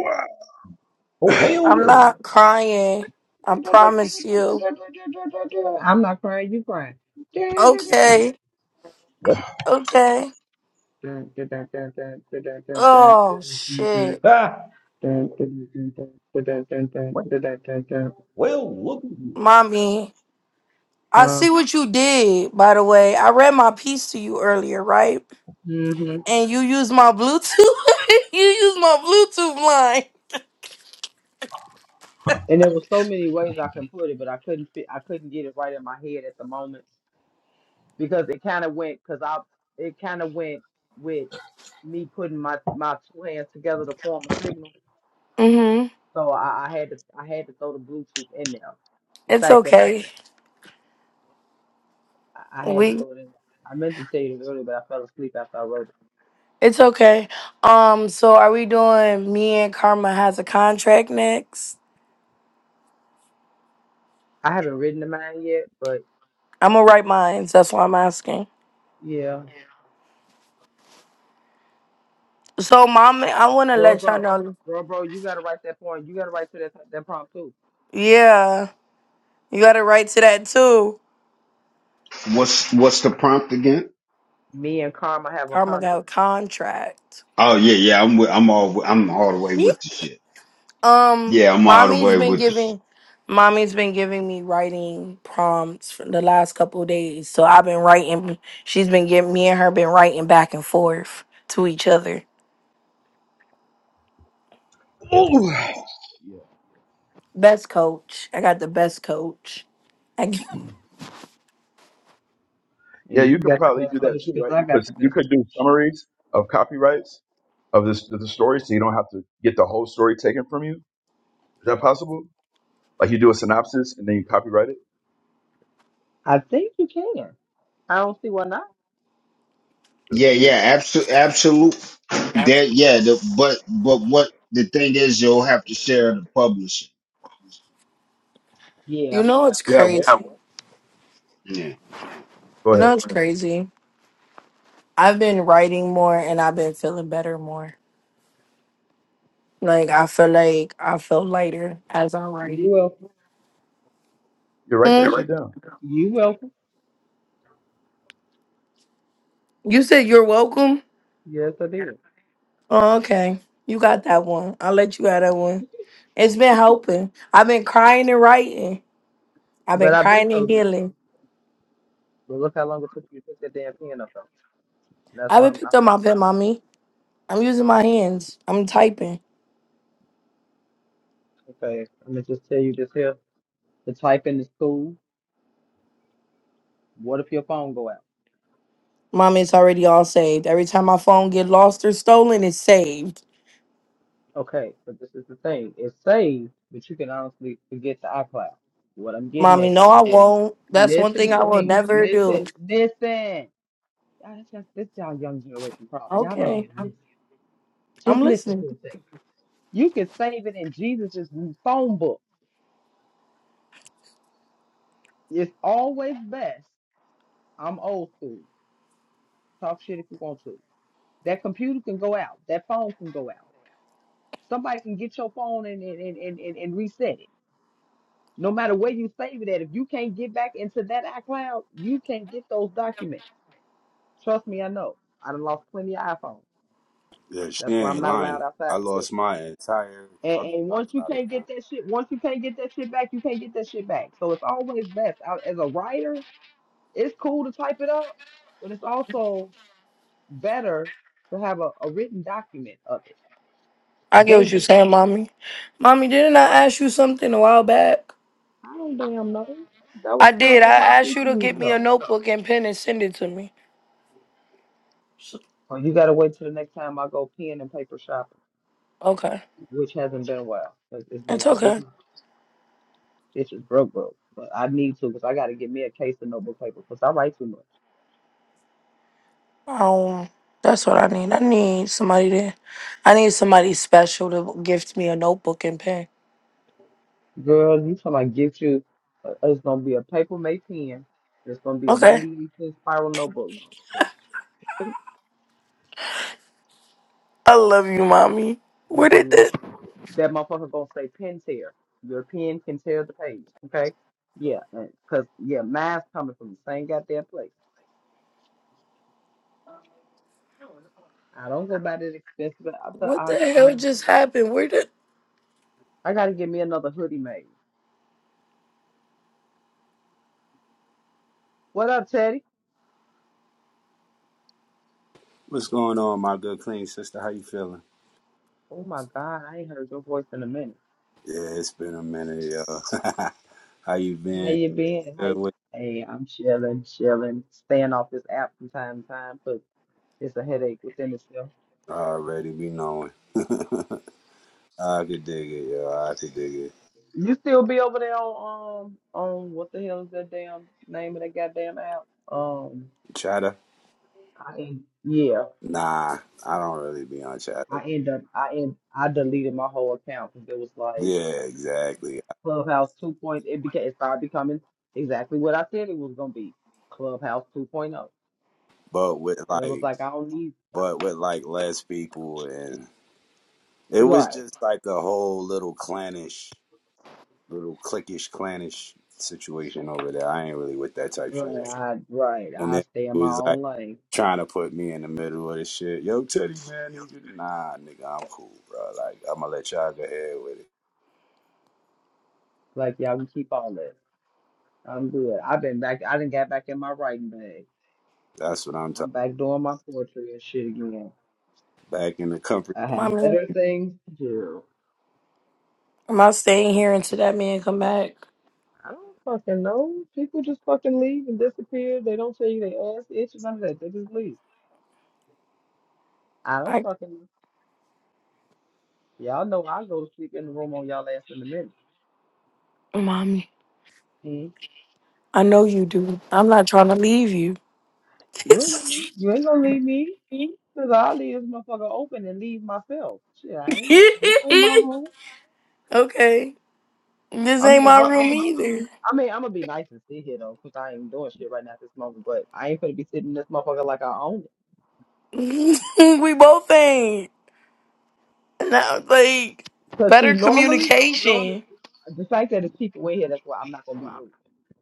Speaker 9: Oh, hell
Speaker 2: I'm not
Speaker 9: yeah.
Speaker 2: crying. I promise you.
Speaker 7: I'm not crying, you crying.
Speaker 2: Okay. Okay. Oh shit.
Speaker 7: Mm-hmm.
Speaker 9: Well, well, look at you.
Speaker 2: Mommy. I see what you did, by the way. I read my piece to you earlier, right? and you use my Bluetooth. you use my Bluetooth line.
Speaker 7: And there was so many ways I can put it, but I couldn't fit. I couldn't get it right in my head at the moment because it kind of went because I it kind of went with me putting my my two hands together to form a signal.
Speaker 2: Mhm.
Speaker 7: So I, I had to I had to throw the Bluetooth in there. The
Speaker 2: It's
Speaker 7: fact that
Speaker 2: okay.
Speaker 7: I I had to
Speaker 2: We.
Speaker 7: throw it in there. I meant to tell you this earlier, but I fell asleep after I wrote it.
Speaker 2: It's okay. Um. So are we doing? Me and Karma has a contract next.
Speaker 7: I haven't written the mine yet, but
Speaker 2: I'm gonna write mine. so That's why I'm asking.
Speaker 7: yeah.
Speaker 2: So, mom, I wanna
Speaker 7: Bro,
Speaker 2: let y'all
Speaker 7: bro,
Speaker 2: know.
Speaker 7: bro, bro, you gotta write that point. You gotta write to that that prompt too.
Speaker 2: Yeah, you got to write to that too.
Speaker 1: What's what's the prompt again?
Speaker 7: Me and Karma have a
Speaker 2: Karma got a
Speaker 7: contract,
Speaker 2: contract.
Speaker 1: Oh yeah, yeah. I'm with, I'm all I'm all the way with the shit.
Speaker 2: Um,
Speaker 1: Yeah, I'm all the
Speaker 2: mommy's
Speaker 1: way
Speaker 2: been
Speaker 1: with the shit.
Speaker 2: giving, mommy's been giving me writing prompts for the last couple of days. So I've been writing. She's been giving me and her been writing back and forth to each other.
Speaker 8: Ooh.
Speaker 2: Best coach. I got the best coach. I g
Speaker 8: Yeah,
Speaker 7: and
Speaker 8: you
Speaker 7: you
Speaker 8: could
Speaker 7: got the
Speaker 8: probably
Speaker 7: best
Speaker 8: do that
Speaker 7: coach
Speaker 8: too, right?
Speaker 7: because I
Speaker 8: You could
Speaker 7: got the
Speaker 8: you
Speaker 7: best
Speaker 8: could do
Speaker 7: coach.
Speaker 8: summaries of copyrights of this of the story, so you don't have to get the whole story taken from you. Is that possible? Like you do a synopsis and then you copyright it.
Speaker 7: I think you can. I don't see why not.
Speaker 8: Yeah.
Speaker 1: Yeah, yeah. Absolute, absolute. That yeah. The, but but what the thing is, you'll have to share the publishing.
Speaker 2: you
Speaker 7: Yeah,
Speaker 2: know it's
Speaker 8: yeah what?
Speaker 2: crazy.
Speaker 1: Yeah.
Speaker 8: Go
Speaker 2: You
Speaker 8: ahead.
Speaker 2: know it's crazy. I've been writing more and I've been feeling better more. Like I feel like I feel lighter as I
Speaker 7: you
Speaker 2: write.
Speaker 7: welcome.
Speaker 8: You write that
Speaker 2: Hmm?
Speaker 8: shit down.
Speaker 7: You welcome.
Speaker 2: You said you're welcome.
Speaker 7: Yes, I did.
Speaker 2: Oh, okay. You got that one. I'll let you have that one. It's been helping. I've been crying and writing. I've
Speaker 7: But
Speaker 2: been
Speaker 7: I've been
Speaker 2: crying and
Speaker 7: told you. that.
Speaker 2: healing.
Speaker 7: But look how long it took you to pick that damn pen up though. And that's
Speaker 2: I
Speaker 7: why
Speaker 2: haven't
Speaker 7: I'm,
Speaker 2: picked
Speaker 7: I'm
Speaker 2: up my pen, mommy. I'm using my hands. I'm typing.
Speaker 7: okay. I'm gonna just tell you this here. The typing is cool. What if your phone go out?
Speaker 2: Mommy, it's already all saved. Every time my phone get lost or stolen, it's saved.
Speaker 7: Okay, but this is the thing. It's saved, but you can honestly forget the iCloud. What I'm getting
Speaker 2: Mommy,
Speaker 7: at is,
Speaker 2: no, I won't. That's one thing
Speaker 7: listen
Speaker 2: I
Speaker 7: to
Speaker 2: will
Speaker 7: me.
Speaker 2: never
Speaker 7: Listen,
Speaker 2: do.
Speaker 7: listen. Y'all, that's just, this y'all young generation problem. Y'all don't
Speaker 2: Okay,
Speaker 7: damn listen.
Speaker 2: I'm
Speaker 7: Just listen
Speaker 2: listening.
Speaker 7: for a second. You can save it in Jesus's phone book. It's always best. I'm old school. Talk shit if you want to. That computer can go out. That phone can go out. Somebody can get your phone and and, and, and, and reset it. No matter where you save it at, if you can't get back into that iCloud, you can't get those documents. Trust me, I know. I done lost plenty of iPhones.
Speaker 11: Yeah, she
Speaker 7: That's why I'm
Speaker 11: ain't
Speaker 7: not allowed
Speaker 11: lying.
Speaker 7: outside
Speaker 11: I
Speaker 7: with this.
Speaker 11: lost my entire
Speaker 7: And,
Speaker 11: fucking
Speaker 7: and once you
Speaker 11: iCloud
Speaker 7: can't get
Speaker 11: account.
Speaker 7: that shit, once you can't get that shit back, you can't get that shit back. So it's always best. I, as a writer, it's cool to type it up, but it's also better to have a, a written document of it,
Speaker 2: I get what you're
Speaker 7: dated.
Speaker 2: saying, mommy. Mommy, didn't I ask you something a while back?
Speaker 7: I don't damn know. That was
Speaker 2: I did. I asked you
Speaker 7: 12,050
Speaker 2: to
Speaker 7: years
Speaker 2: get me a
Speaker 7: ago.
Speaker 2: notebook and pen and send it to me.
Speaker 7: Well, you gotta wait till the next time I go pen and paper shopping.
Speaker 2: Okay,
Speaker 7: which hasn't been a while. Like, It's been
Speaker 2: it's
Speaker 7: I've been
Speaker 2: okay.
Speaker 7: bitches broke broke, but I need to because I got to get me a case of notebook paper because I write too much.
Speaker 2: Um, that's what I need. I need somebody to, I need somebody special to gift me a notebook and pen.
Speaker 7: Girl, you talking about get you? Uh, it's gonna be a paper made pen. and It's gonna be a
Speaker 2: Okay.
Speaker 7: ninety cent spiral notebook.
Speaker 2: I love you, mommy. Where did
Speaker 7: Motherfucker, go-
Speaker 2: the,
Speaker 7: that motherfucker gonna say pen tear. Your pen can tear the page. Okay. Yeah, cause yeah, mine's coming from the same goddamn place. I don't go buy that expensive. I, I, but
Speaker 2: what the
Speaker 7: I
Speaker 2: hell
Speaker 7: no.
Speaker 2: just happened? Where did,
Speaker 7: I gotta get me another hoodie made. What up, Teddy?
Speaker 11: What's going on, my good clean sister? How you feeling?
Speaker 7: Oh my God, I ain't heard your voice in a minute.
Speaker 11: Yeah, it's been a minute, yo. How you
Speaker 7: How
Speaker 11: been?
Speaker 7: you been? How
Speaker 11: Good
Speaker 7: you-
Speaker 11: with
Speaker 7: Hey, I'm chilling, chilling, staying off this app from time to time, but it's a headache within itself.
Speaker 11: already be knowing. I could dig it, yo. I could dig it.
Speaker 7: You still be over there on um on what the hell is that damn name of that goddamn app? Um,
Speaker 11: Chatter?
Speaker 7: I en- yeah,
Speaker 11: Nah, I don't really be on chatter.
Speaker 7: I end up I end I deleted my whole account because it was like
Speaker 11: Yeah, exactly.
Speaker 7: Clubhouse 2.0. It became it started becoming exactly what I said it was gonna be, Clubhouse 2.0,
Speaker 11: But with
Speaker 7: and it was
Speaker 11: like,
Speaker 7: like I don't need
Speaker 11: but with like less people, and it was
Speaker 7: right.
Speaker 11: just like a whole little clannish little cliquish, clannish situation over there. I ain't really with that type
Speaker 7: Right,
Speaker 11: shit.
Speaker 7: I, right.
Speaker 11: And
Speaker 7: I
Speaker 11: then
Speaker 7: stay
Speaker 11: it
Speaker 7: in my
Speaker 11: was like
Speaker 7: own lane.
Speaker 11: trying to put me in the middle of this shit. Yo, Teddy, man, you just, nah, nigga, I'm cool, bro. Like I'm gonna let y'all go ahead with it.
Speaker 7: Like y'all can keep all that. I'm good. I've been back. I didn't get back in my writing bag.
Speaker 11: That's what I'm talking.
Speaker 7: I'm back doing my poetry and shit again.
Speaker 11: Back in the comfort.
Speaker 7: I have
Speaker 2: mommy,
Speaker 7: better things to do.
Speaker 2: am I staying here until that man come back?
Speaker 7: I don't fucking know. People just fucking leave and disappear. They don't tell you they ass itch or none of that. They just leave. I don't
Speaker 2: I,
Speaker 7: fucking know. Y'all know I go to sleep in the room on y'all ass in a minute.
Speaker 2: mommy,
Speaker 7: Mhm.
Speaker 2: I know you do. I'm not trying to leave you.
Speaker 7: You ain't gonna leave. You ain't gonna leave me. Cause I'll leave this motherfucker open and leave myself. Shit, I ain't. This ain't my room.
Speaker 2: okay. This
Speaker 7: I
Speaker 2: ain't
Speaker 7: mean,
Speaker 2: my
Speaker 7: I,
Speaker 2: room
Speaker 7: I'm a, am i
Speaker 2: either.
Speaker 7: am I mean, I'm gonna be nice and sit here though, since I ain't doing shit right now at this moment. But I ain't gonna be sitting in this motherfucker like I own it.
Speaker 2: we both ain't. Now, like,
Speaker 7: Cause see,
Speaker 2: better
Speaker 7: normally, normally,
Speaker 2: communication.
Speaker 7: the fact that it's people in here, that's why I'm not gonna be rude.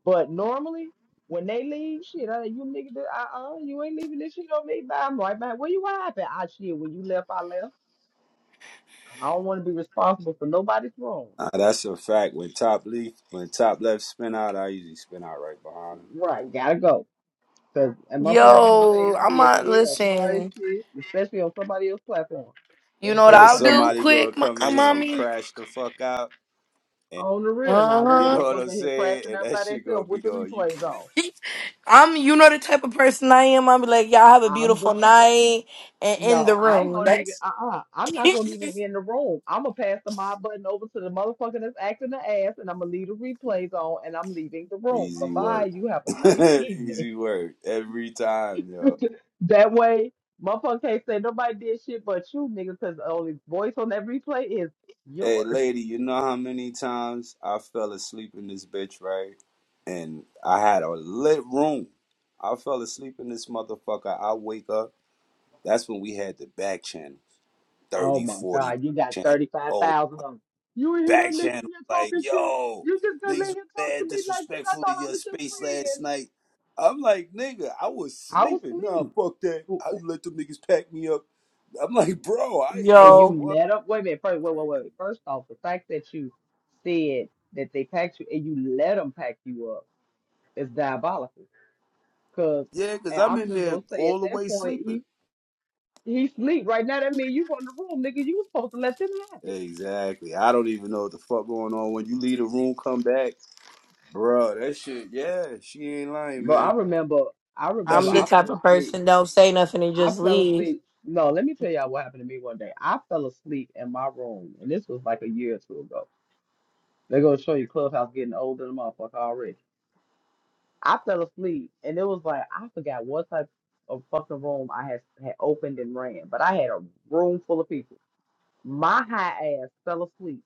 Speaker 7: But normally, when they leave, shit, I, you nigga, uh, uh, you ain't leaving this shit on me. Bye, I'm right back. Where you at? I shit. When you left, I left. I don't want to be responsible for nobody's wrong.
Speaker 11: Nah, that's a fact. When top leaf, when top left spin out, I usually spin out right behind him.
Speaker 7: Right, gotta go. Cause a motherfucker ain't gonna say
Speaker 2: Yo,
Speaker 7: I
Speaker 2: I'm
Speaker 7: did
Speaker 2: not
Speaker 7: shit or sorry
Speaker 2: listen.
Speaker 7: shit, especially on somebody else's platform.
Speaker 2: You know
Speaker 7: Ain't
Speaker 2: what
Speaker 7: got
Speaker 11: Cause
Speaker 2: I'll
Speaker 7: time
Speaker 2: do
Speaker 7: for it.
Speaker 11: somebody gonna
Speaker 2: quick, mo-
Speaker 11: come
Speaker 2: uh,
Speaker 11: in here and
Speaker 2: mommy?
Speaker 11: crash the fuck out, and
Speaker 7: on the real now. Leave
Speaker 11: you
Speaker 7: that
Speaker 2: Uh-huh.
Speaker 11: know what I'm
Speaker 7: motherfucker here
Speaker 11: saying.
Speaker 7: crashing
Speaker 11: And
Speaker 7: out
Speaker 11: that
Speaker 7: by
Speaker 11: shit gonna
Speaker 7: themselves
Speaker 11: be
Speaker 7: with the
Speaker 11: on you,
Speaker 7: replays
Speaker 11: gang.
Speaker 7: on.
Speaker 2: I'm you know the type of person I am. I'll be like, y'all have a
Speaker 7: I'm
Speaker 2: beautiful
Speaker 7: the fr-
Speaker 2: night and in the
Speaker 7: no, I ain't
Speaker 2: room.
Speaker 7: gonna even
Speaker 2: That's
Speaker 7: uh uh-uh. uh. i am not gonna even be in the room. I'm gonna pass the mob button over to the motherfucker that's acting the ass, and I'm gonna leave the replays on, and I'm leaving the room. Bye
Speaker 11: Easy
Speaker 7: bye.
Speaker 11: work.
Speaker 7: You have a nice evening.
Speaker 11: Easy work every time, yo.
Speaker 7: that way, motherfucker can't say nobody did shit but you, nigga, because the only voice on that replay is
Speaker 11: Hey,
Speaker 7: yours.
Speaker 11: lady, you know how many times I fell asleep in this bitch, right? And I had a lit room. I fell asleep in this motherfucker. I wake up. That's when we had the back channel
Speaker 7: Oh
Speaker 11: 30,
Speaker 7: my
Speaker 11: 40
Speaker 7: God, you got
Speaker 11: back channel. Oh,
Speaker 7: 35,000 of them. You ain't hear that
Speaker 11: back
Speaker 7: nigga in
Speaker 11: channel.
Speaker 7: here
Speaker 11: Like,
Speaker 7: talking shit?
Speaker 11: yo,
Speaker 7: You just gonna
Speaker 11: niggas
Speaker 7: let
Speaker 11: was
Speaker 7: him talk to
Speaker 11: bad,
Speaker 7: me like that? I
Speaker 11: disrespectful to
Speaker 7: thought I
Speaker 11: your
Speaker 7: was your
Speaker 11: space last
Speaker 7: friend.
Speaker 11: night. I'm like, nigga, I was
Speaker 7: I was
Speaker 11: sleeping. Nah,
Speaker 7: asleep.
Speaker 11: fuck that.
Speaker 7: Who-
Speaker 11: How
Speaker 7: who-
Speaker 11: you let them niggas pack me up? I'm like, bro, I
Speaker 7: And
Speaker 11: yo,
Speaker 7: you
Speaker 2: yo.
Speaker 11: what?
Speaker 7: let up. Wait a minute. First, wait, wait,
Speaker 11: Crazy.
Speaker 7: wait. First off, the fact that you said that they packed you and you let them pack you up is diabolical. Cause,
Speaker 11: Yeah, because
Speaker 7: and
Speaker 11: I'm
Speaker 7: I'm
Speaker 11: in
Speaker 7: just
Speaker 11: there
Speaker 7: gonna say
Speaker 11: all
Speaker 7: at
Speaker 11: the
Speaker 7: that
Speaker 11: way
Speaker 7: point,
Speaker 11: sleeping.
Speaker 7: he he sleep right now. That mean you run the room, nigga. You was supposed to let them have it.
Speaker 11: Exactly. I don't even know what the fuck going on. When you leave the room, come back, bro. That shit. Yeah, she ain't lying,
Speaker 7: But I
Speaker 11: man.
Speaker 7: remember, I
Speaker 11: That
Speaker 7: remember,
Speaker 2: I'm the
Speaker 11: shit.
Speaker 7: I
Speaker 2: type
Speaker 7: fell
Speaker 2: of
Speaker 7: asleep.
Speaker 2: person don't say nothing and
Speaker 7: I
Speaker 2: just
Speaker 7: fell
Speaker 2: leave.
Speaker 7: asleep. No, let me tell y'all what happened to me one day. I fell asleep in my room, and this was like a year or two ago. They're gonna show you Clubhouse getting older than a motherfucker already. I fell asleep, and it was like I forgot what type of fucking room I had had opened and ran, but I had a room full of people. My high ass fell asleep.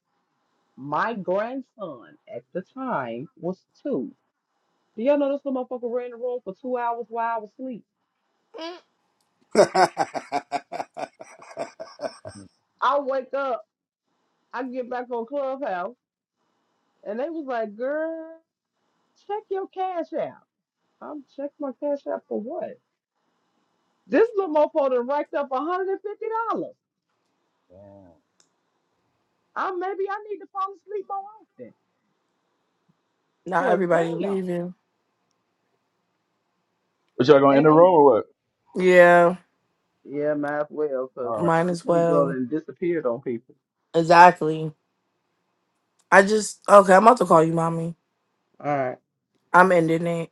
Speaker 7: My grandson at the time was two. Do y'all know this little motherfucker ran the room for two hours while I was asleep?
Speaker 2: Mm.
Speaker 7: I wake up, I get back on Clubhouse. And they was like, girl. Check your cash app. I'm check my cash app for what? This little mofo done racked up $150. I maybe I need to fall asleep more often.
Speaker 2: Not
Speaker 7: Cause
Speaker 2: everybody
Speaker 7: damn.
Speaker 2: leaving.
Speaker 8: But y'all gonna end
Speaker 7: And
Speaker 8: the roll
Speaker 7: I'm
Speaker 8: or what?
Speaker 2: Yeah,
Speaker 7: yeah, might as well,
Speaker 8: All
Speaker 7: cause
Speaker 8: right.
Speaker 2: mine
Speaker 7: this
Speaker 2: as
Speaker 7: Negro
Speaker 2: well.
Speaker 7: done disappeared on people.
Speaker 2: Exactly. I just okay, I'm about to call you mommy.
Speaker 7: All right.
Speaker 2: I'm ending it.